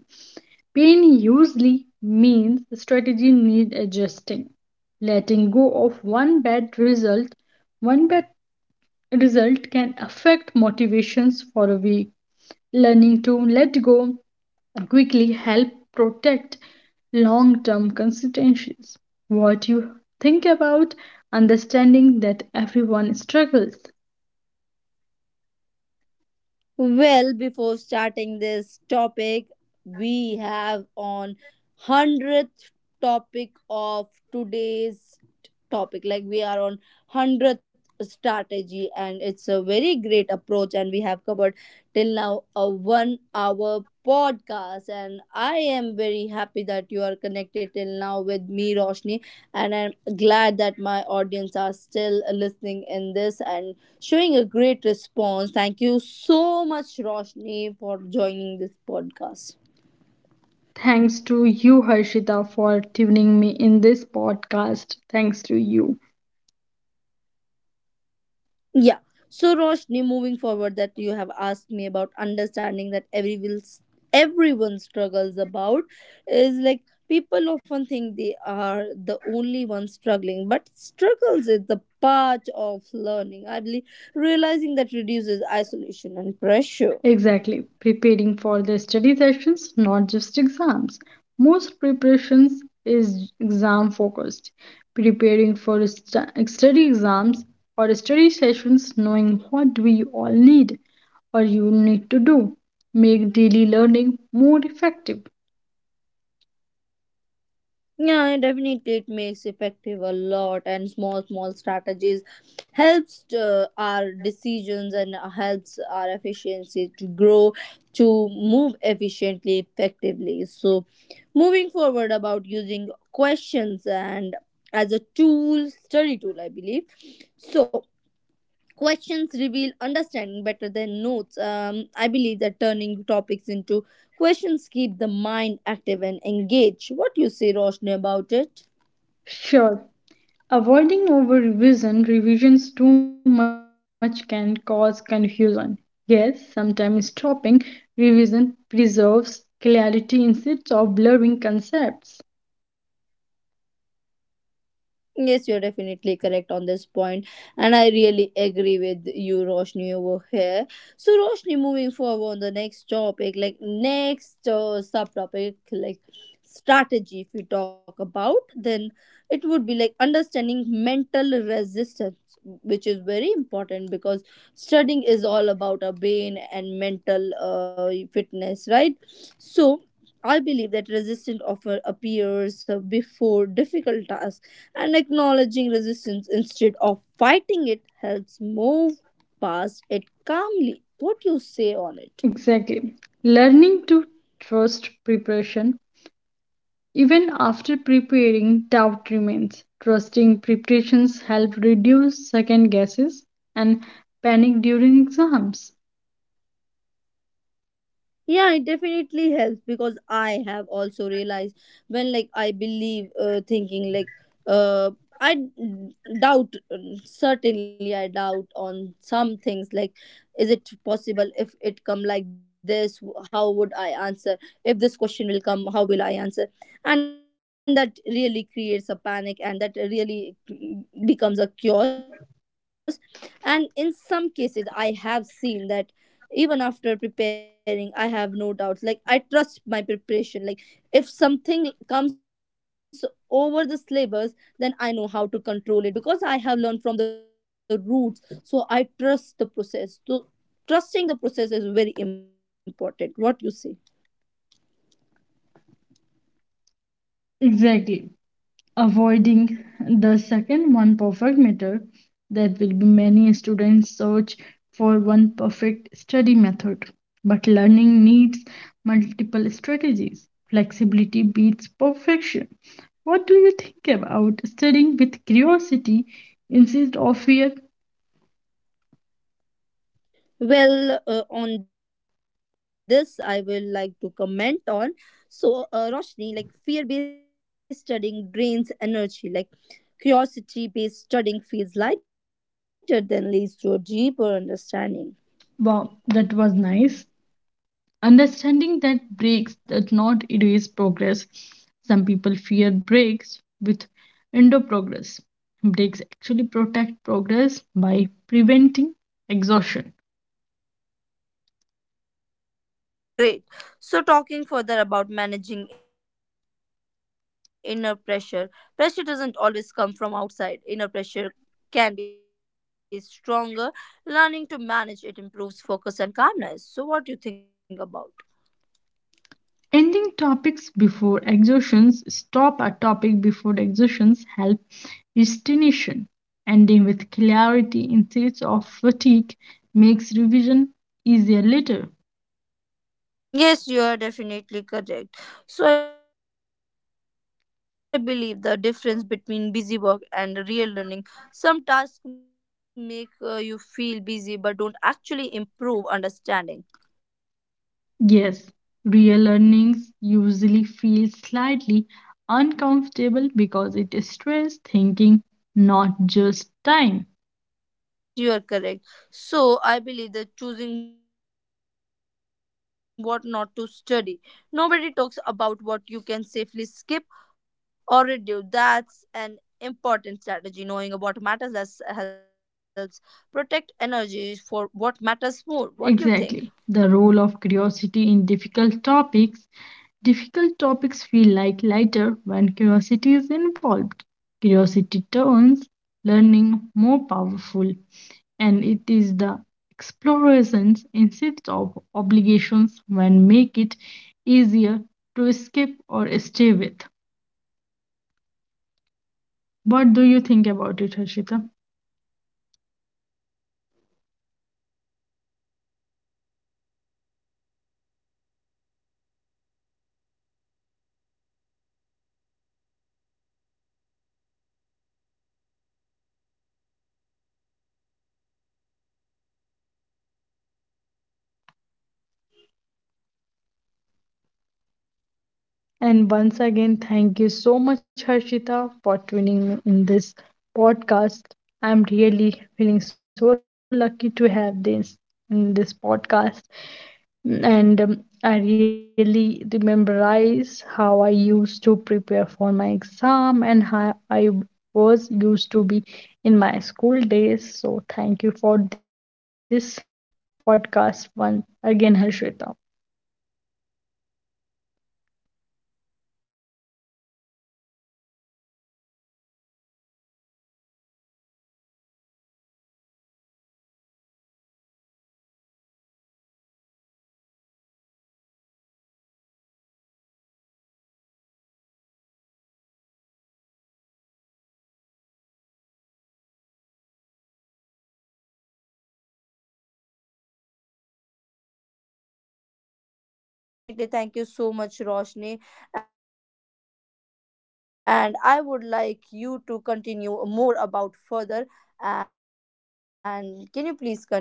Pain usually means the strategy needs adjusting. Letting go of one bad result can affect motivations for a week. Learning to let go quickly help protect long term constituencies. What you think about understanding that everyone struggles? Well, before starting this topic, we have on 100th topic of today's topic. Like we are on 100th strategy, and it's a very great approach and we have covered till now a 1 hour podcast, and I am very happy that you are connected till now with me Roshni and I'm glad that my audience are still listening in this and showing a great response. Thank you so much, Roshni, for joining this podcast. Thanks to you, Harshita, for tuning me in this podcast. Thanks to you. Yeah. So, Roshni, moving forward, that you have asked me about understanding that everyone struggles about, is like people often think they are the only ones struggling, but struggles is the part of learning. I believe realizing that reduces isolation and pressure. Exactly, preparing for their study sessions, not just exams. Most preparations is exam focused. Preparing for study exams or study sessions, knowing what we all need or you need to do, make daily learning more effective. Yeah, definitely it makes effective a lot, and small strategies helps our decisions and helps our efficiency to grow, to move efficiently effectively. So moving forward about using questions and as a tool, study tool I believe. So questions reveal understanding better than notes. I believe that turning topics into questions keep the mind active and engaged. What do you say, Roshni, about it? Sure. Avoiding over revision, revisions too much can cause confusion. Yes, sometimes stopping revision preserves clarity instead of blurring concepts. Yes, you're definitely correct on this point, and I really agree with you, Roshni, over here. So, Roshni, moving forward on the next topic, like next subtopic, like strategy, if we talk about, then it would be like understanding mental resistance, which is very important because studying is all about our brain and mental fitness, right? So, I believe that resistance often appears before difficult tasks, and acknowledging resistance instead of fighting it helps move past it calmly. What do you say on it? Exactly. Learning to trust preparation. Even after preparing, doubt remains. Trusting preparations help reduce second guesses and panic during exams. Yeah, it definitely helps, because I have also realized when like I believe thinking like uh doubt. Certainly I doubt on some things, like is it possible if it come like this, how would I answer, if this question will come how will I answer, and that really creates a panic, and that really becomes a chaos. And in some cases I have seen that even after preparing I have no doubts, like I trust my preparation. Like if something comes over the syllabus, then I know how to control it because I have learned from the roots, so I trust the process. So trusting the process is very important. What you say? Exactly. Avoiding the second one perfect method, that will be many students search for one perfect study method, but learning needs multiple strategies. Flexibility beats perfection. What do you think about studying with curiosity instead of fear? Well on this I will like to comment on. So Roshni, like fear based studying drains energy, like curiosity based studying feels lighter than leads to a deeper understanding. Wow, that was nice. Understanding that breaks does not erase progress. Some people fear breaks with endo progress. Breaks actually protect progress by preventing exhaustion. Oh, that's great. So, talking further about managing inner pressure, pressure doesn't always come from outside. Inner pressure can be stronger. Learning to manage it improves focus and calmness. So, what do you think about? Ending topics before exhaustions, stop a topic before exhaustions help retention. Ending with clarity instead of fatigue makes revision easier later. Yes, you are definitely correct. So, I believe the difference between busy work and real learning. Some tasks make you feel busy but don't actually improve understanding. Yes, real earnings usually feel slightly uncomfortable because it stresses thinking, not just time. Yes, you are correct. So, I believe that choosing what not to study. Nobody talks about what you can safely skip or reduce. That's an important strategy. Knowing what matters less helps protect energy for what matters more. What do you think? Exactly. The role of curiosity in difficult topics. Difficult topics feel like lighter when curiosity is involved. Curiosity turns learning more powerful, and it is the explorations instead of obligations when make it easier to escape or stay with. What do you think about it, Harshita? And once again, thank you so much, Harshita, for tuning me in this podcast. I'm really feeling so lucky to have this in this podcast. And I really rememberize how I used to prepare for my exam and how I was used to be in my school days. So thank you for this podcast one again, Harshita. Yeah, definitely. Thank you so much, Roshni. And I would like you to continue more about further. And can you please continue,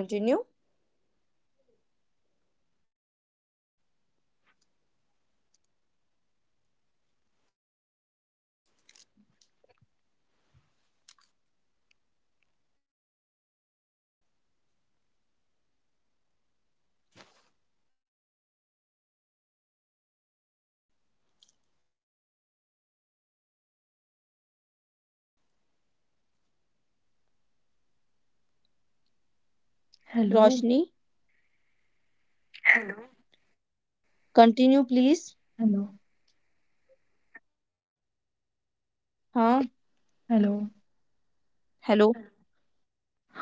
Roshni? Hello. Continue, please. Hello. हाँ hello. Hello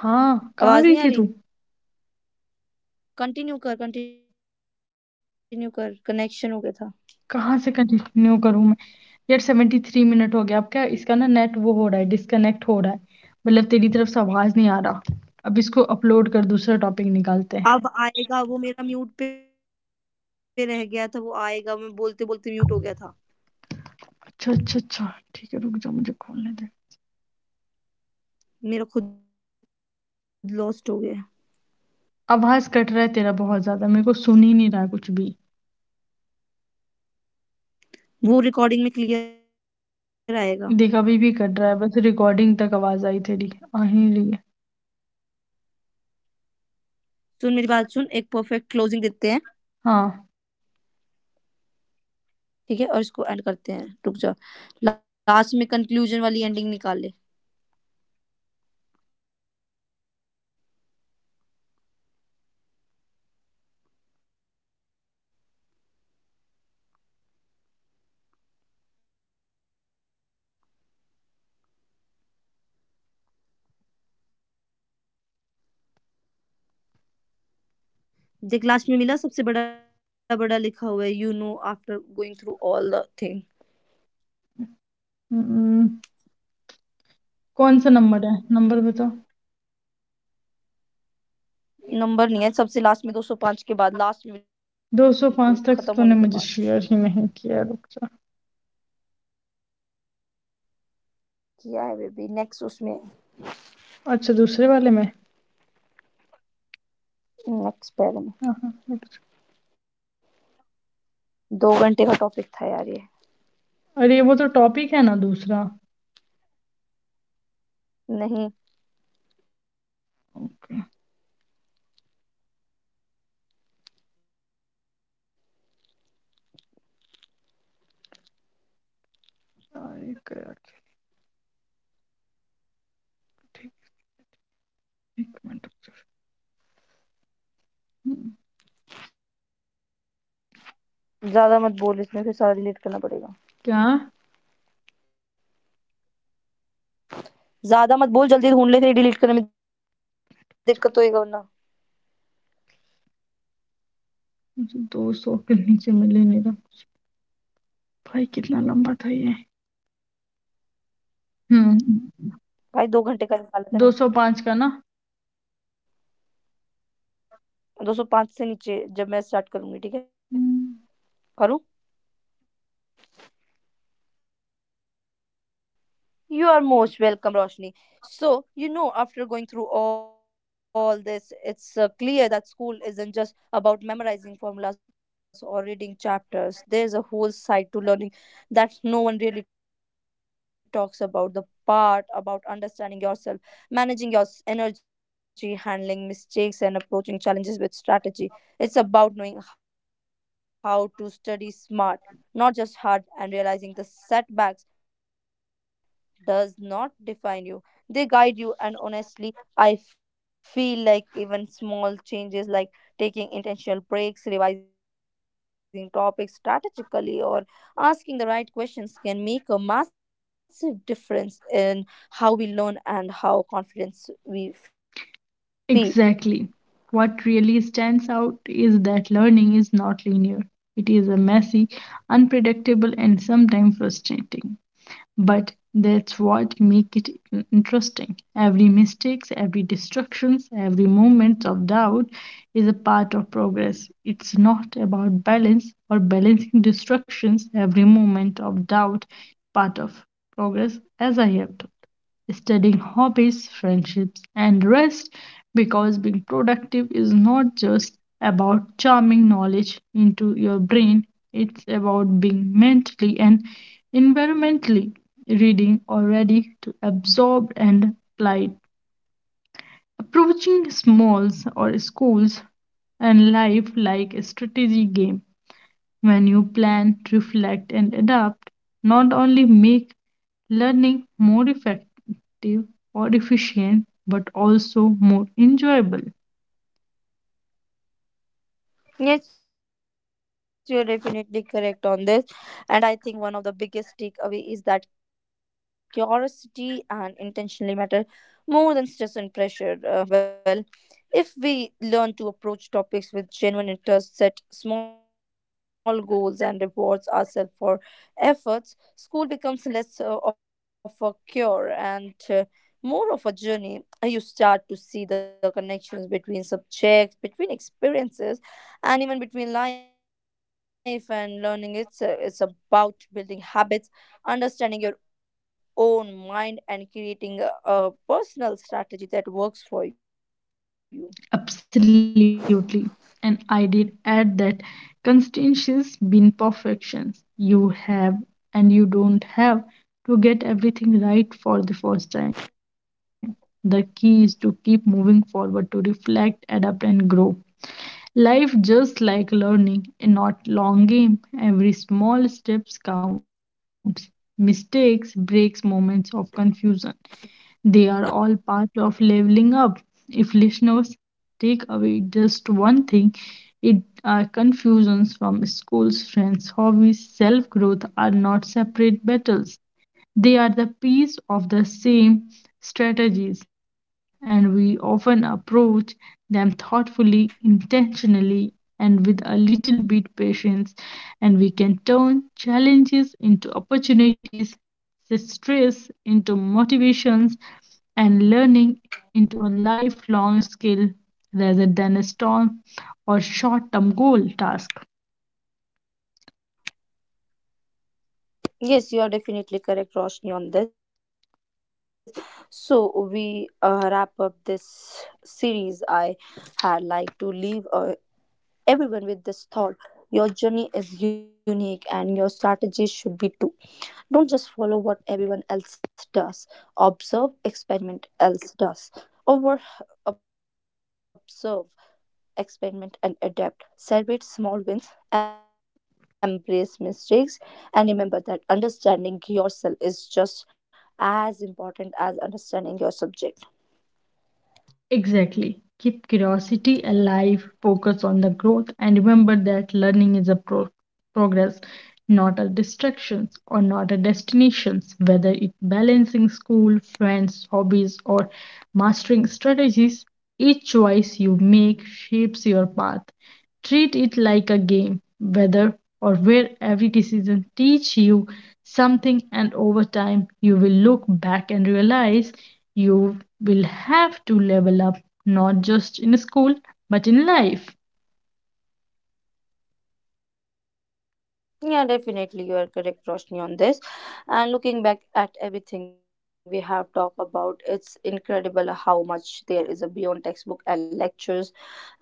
हाँ, कहाँ गई थी आवाज नहीं तू? आ रही continue कर कनेक्शन हो गया कहाँ से कंटिन्यू करूँ मैं? यार सेवेंटी थ्री मिनट हो गया, अब क्या इसका, ना नेट वो हो रहा है, डिस्कनेक्ट हो रहा है। मतलब तेरी तरफ से आवाज़ नहीं आ रहा। अब इसको अपलोड कर, दूसरा टॉपिक निकालते हैं। था अब आएगा वो मेरा म्यूट पे रह गया था वो आएगा मैं बोलते बोलते म्यूट हो गया था अच्छा, अच्छा, अच्छा। ठीक है, रुक जा मुझे खोलने दे। मेरा खुद लॉस्ट हो गया आवाज़ कट रहा है तेरा बहुत ज़्यादा, मेरे को सुन ही नहीं रहा है कुछ भी। वो रिकॉर्डिंग में देख क्लियर अभी भी आएगा कट रहा है, बस रिकॉर्डिंग तक आवाज़ आई तेरी, आ ही रही है। सुन मेरी बात सुन एक परफेक्ट हाँ। क्लोजिंग देते हैं ठीक है? और इसको एंड करते हैं रुक जा लास्ट में कंक्लूजन वाली एंडिंग निकाल ले देख लास्ट में मिला सबसे बड़ा बड़ा लिखा हुआ है you know after going through all the thing um, कौन-सा नंबर है? नंबर बता। नंबर नहीं है सबसे लास्ट में 205 के 205 तक तो बाद तूने लास्ट मुझे में बिल्कुल शेयर ही खत्म नहीं होने के किया, बाद रुक जा। किया है बेबी नेक्स्ट उसमें अच्छा दूसरे वाले में? हाँ, हाँ, रुक नेक्स्ट पैरे में दो घंटे का टॉपिक था जा। अरे यार ये वो तो टॉपिक है ना दूसरा। नहीं अरे यार, ठीक, 1 मिनट रुक जा। हुँ। ज्यादा मत बोल इसमें फिर सारा क्या? डिलीट करना पड़ेगा ज्यादा मत बोल जल्दी ढूंढ ले फिर ये डिलीट करने में दिक्कत होएगा वरना मुझे 200 के नीचे मिल ही नहीं रहा। भाई कितना लंबा था ये? हुँ। 205 भाई का दो ना। घंटे का निकाला था मैंने 205 से नीचे जब मैं Hmm. स्टार्ट करूँगी, ठीक है? करूँ? You are most welcome, Roshni. So, you know, after going through all this, it's clear that school isn't just about memorizing formulas or reading chapters. There's a whole side to learning that no one really talks about, the part about understanding yourself, managing your energy, handling mistakes, and approaching challenges with strategy. It's about knowing how to study smart, not just hard, and realizing the setbacks does not define you. They guide you, and honestly, I feel like even small changes like taking intentional breaks, revising topics strategically, or asking the right questions can make a massive difference in how we learn and how confidence we Exactly. feel. What really stands out is that learning is not linear. It is a messy, unpredictable, and sometimes frustrating. But that's what makes it interesting. Every mistakes, every distractions, every moment of doubt is a part of progress. It's not about balance or balancing distractions. Every moment of doubt part of progress as I have taught. Studying hobbies, friendships, and rest, because being productive is not just about charming knowledge into your brain, it's about being mentally and environmentally reading or ready to absorb and apply. Approaching smalls or schools and life like a strategy game when you plan, reflect, and adapt, not only make learning more effective or efficient, but also more enjoyable. Yes, you're definitely correct on this. And I think one of the biggest takeaway is that curiosity and intentionally matter more than stress and pressure. Well, if we learn to approach topics with genuine interest, set small goals, and rewards ourselves for efforts, school becomes less of a cure and more of a journey. You start to see the connections between subjects, between experiences and even between life and learning. It's about building habits, understanding your own mind and creating a personal strategy that works for you. Absolutely. And I did add that constituencies been perfections. You have and you don't have to get everything right for the first time. The key is to keep moving forward to reflect, adapt, and grow. Life just like learning, a not long game. Every small steps counts. Mistakes, breaks, moments of confusion. They are all part of leveling up. If listeners take away just one thing, it are confusions from schools, friends, hobbies, self-growth are not separate battles. They are the piece of the same strategies, and we often approach them thoughtfully, intentionally, and with a little bit patience, and we can turn challenges into opportunities, stress into motivations, and learning into a lifelong skill rather than a storm or short term goal task. Yes, you are definitely correct, Roshni, on this. So we wrap up this series. I had like to leave everyone with this thought. Your journey is unique and your strategy should be too. Don't just follow what everyone else does. Observe, experiment, else does. Over Observe, experiment, and adapt. Celebrate small wins, embrace mistakes, and remember that understanding yourself is just as important as understanding your subject. Exactly. Keep curiosity alive, focus on the growth, and remember that learning is a progress, not a distraction or not a destination, whether it balancing school, friends, hobbies, or mastering strategies. Each choice you make shapes your path. Treat it like a game, whether or where every decision teach you something, and over time you will look back and realize you will have to level up, not just in school but in life. Yeah, definitely, you are correct, Roshni, on this. And looking back at everything we have talked about, it's incredible how much there is a beyond textbook and lectures.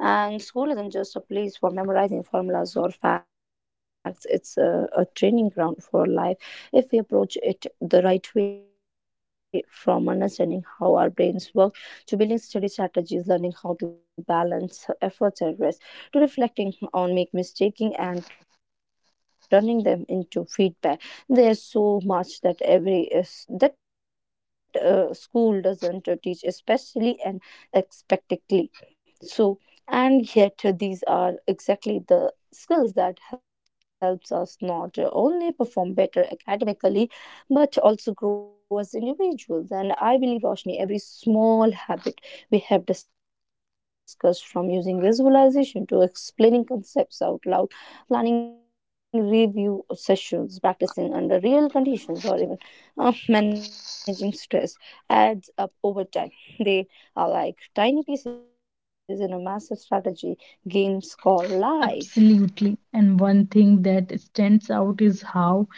And school isn't just a place for memorizing formulas or facts, a training ground for life if we approach it the right way. From understanding how our brains work to building study strategies, learning how to balance efforts and rest, to reflecting on make mistaking and turning them into feedback, there's so much that every is that school doesn't teach especially and expectantly. So and yet these are exactly the skills that helps us not only perform better academically but also grow as individuals. And I believe, Roshni, every small habit we have discussed, from using visualization to explaining concepts out loud, planning review sessions, practicing under real conditions, or even managing stress, adds up over time. They are like tiny pieces in a massive strategy, game, score, life. Absolutely. And one thing that stands out is how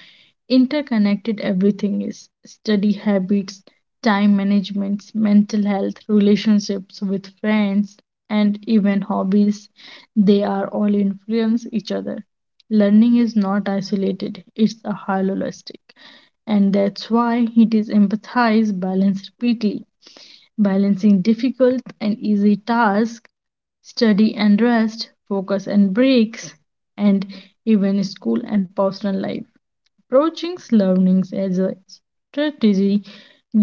interconnected everything is: study habits, time management, mental health, relationships with friends, and even hobbies. They are all influence each other. Learning is not isolated, it's a holistic, and that's why it is empathized balanced repeatedly, balancing difficult and easy tasks, study and rest, focus and breaks, and even school and personal life. Approaching learning as a strategy,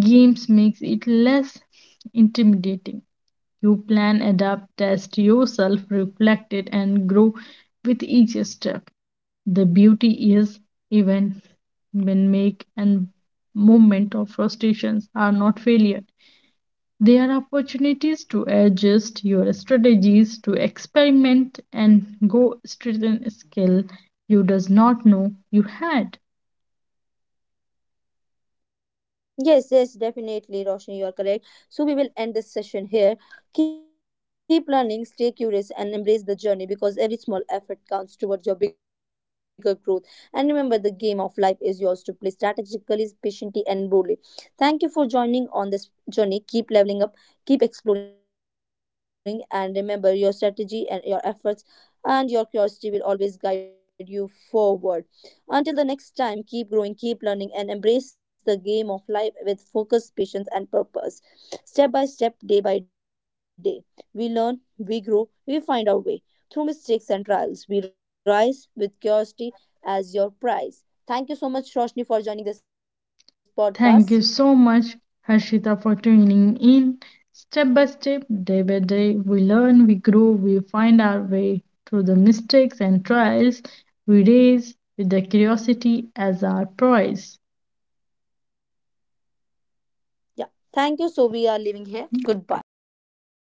games makes it less intimidating. You plan, adapt, test yourself, reflect it, and grow with each step. The beauty is even when make and moment of frustrations are not failure. There are opportunities to adjust your strategies, to experiment and go strengthen a skill you does not know you had. Yes, yes, definitely, Roshni, you are correct. So we will end this session here. Keep learning, stay curious, and embrace the journey because every small effort counts towards your bigger growth. And remember, the game of life is yours to play strategically, patiently, and boldly. Thank you for joining on this journey. Keep leveling up, keep exploring, and remember your strategy and your efforts and your curiosity will always guide you forward. Until the next time, keep growing, keep learning, and embrace the game of life with focus, patience, and purpose. Step by step, day by day, we learn, we grow, we find our way. Through mistakes and trials, we rise with curiosity as your prize. Thank you so much, Roshni, for joining this podcast. Thank you so much, Harshita, for tuning in. Step by step, day by day, we learn, we grow, we find our way through the mistakes and trials. We raise with the curiosity as our prize. Yeah, thank you. So, we are leaving here. Goodbye.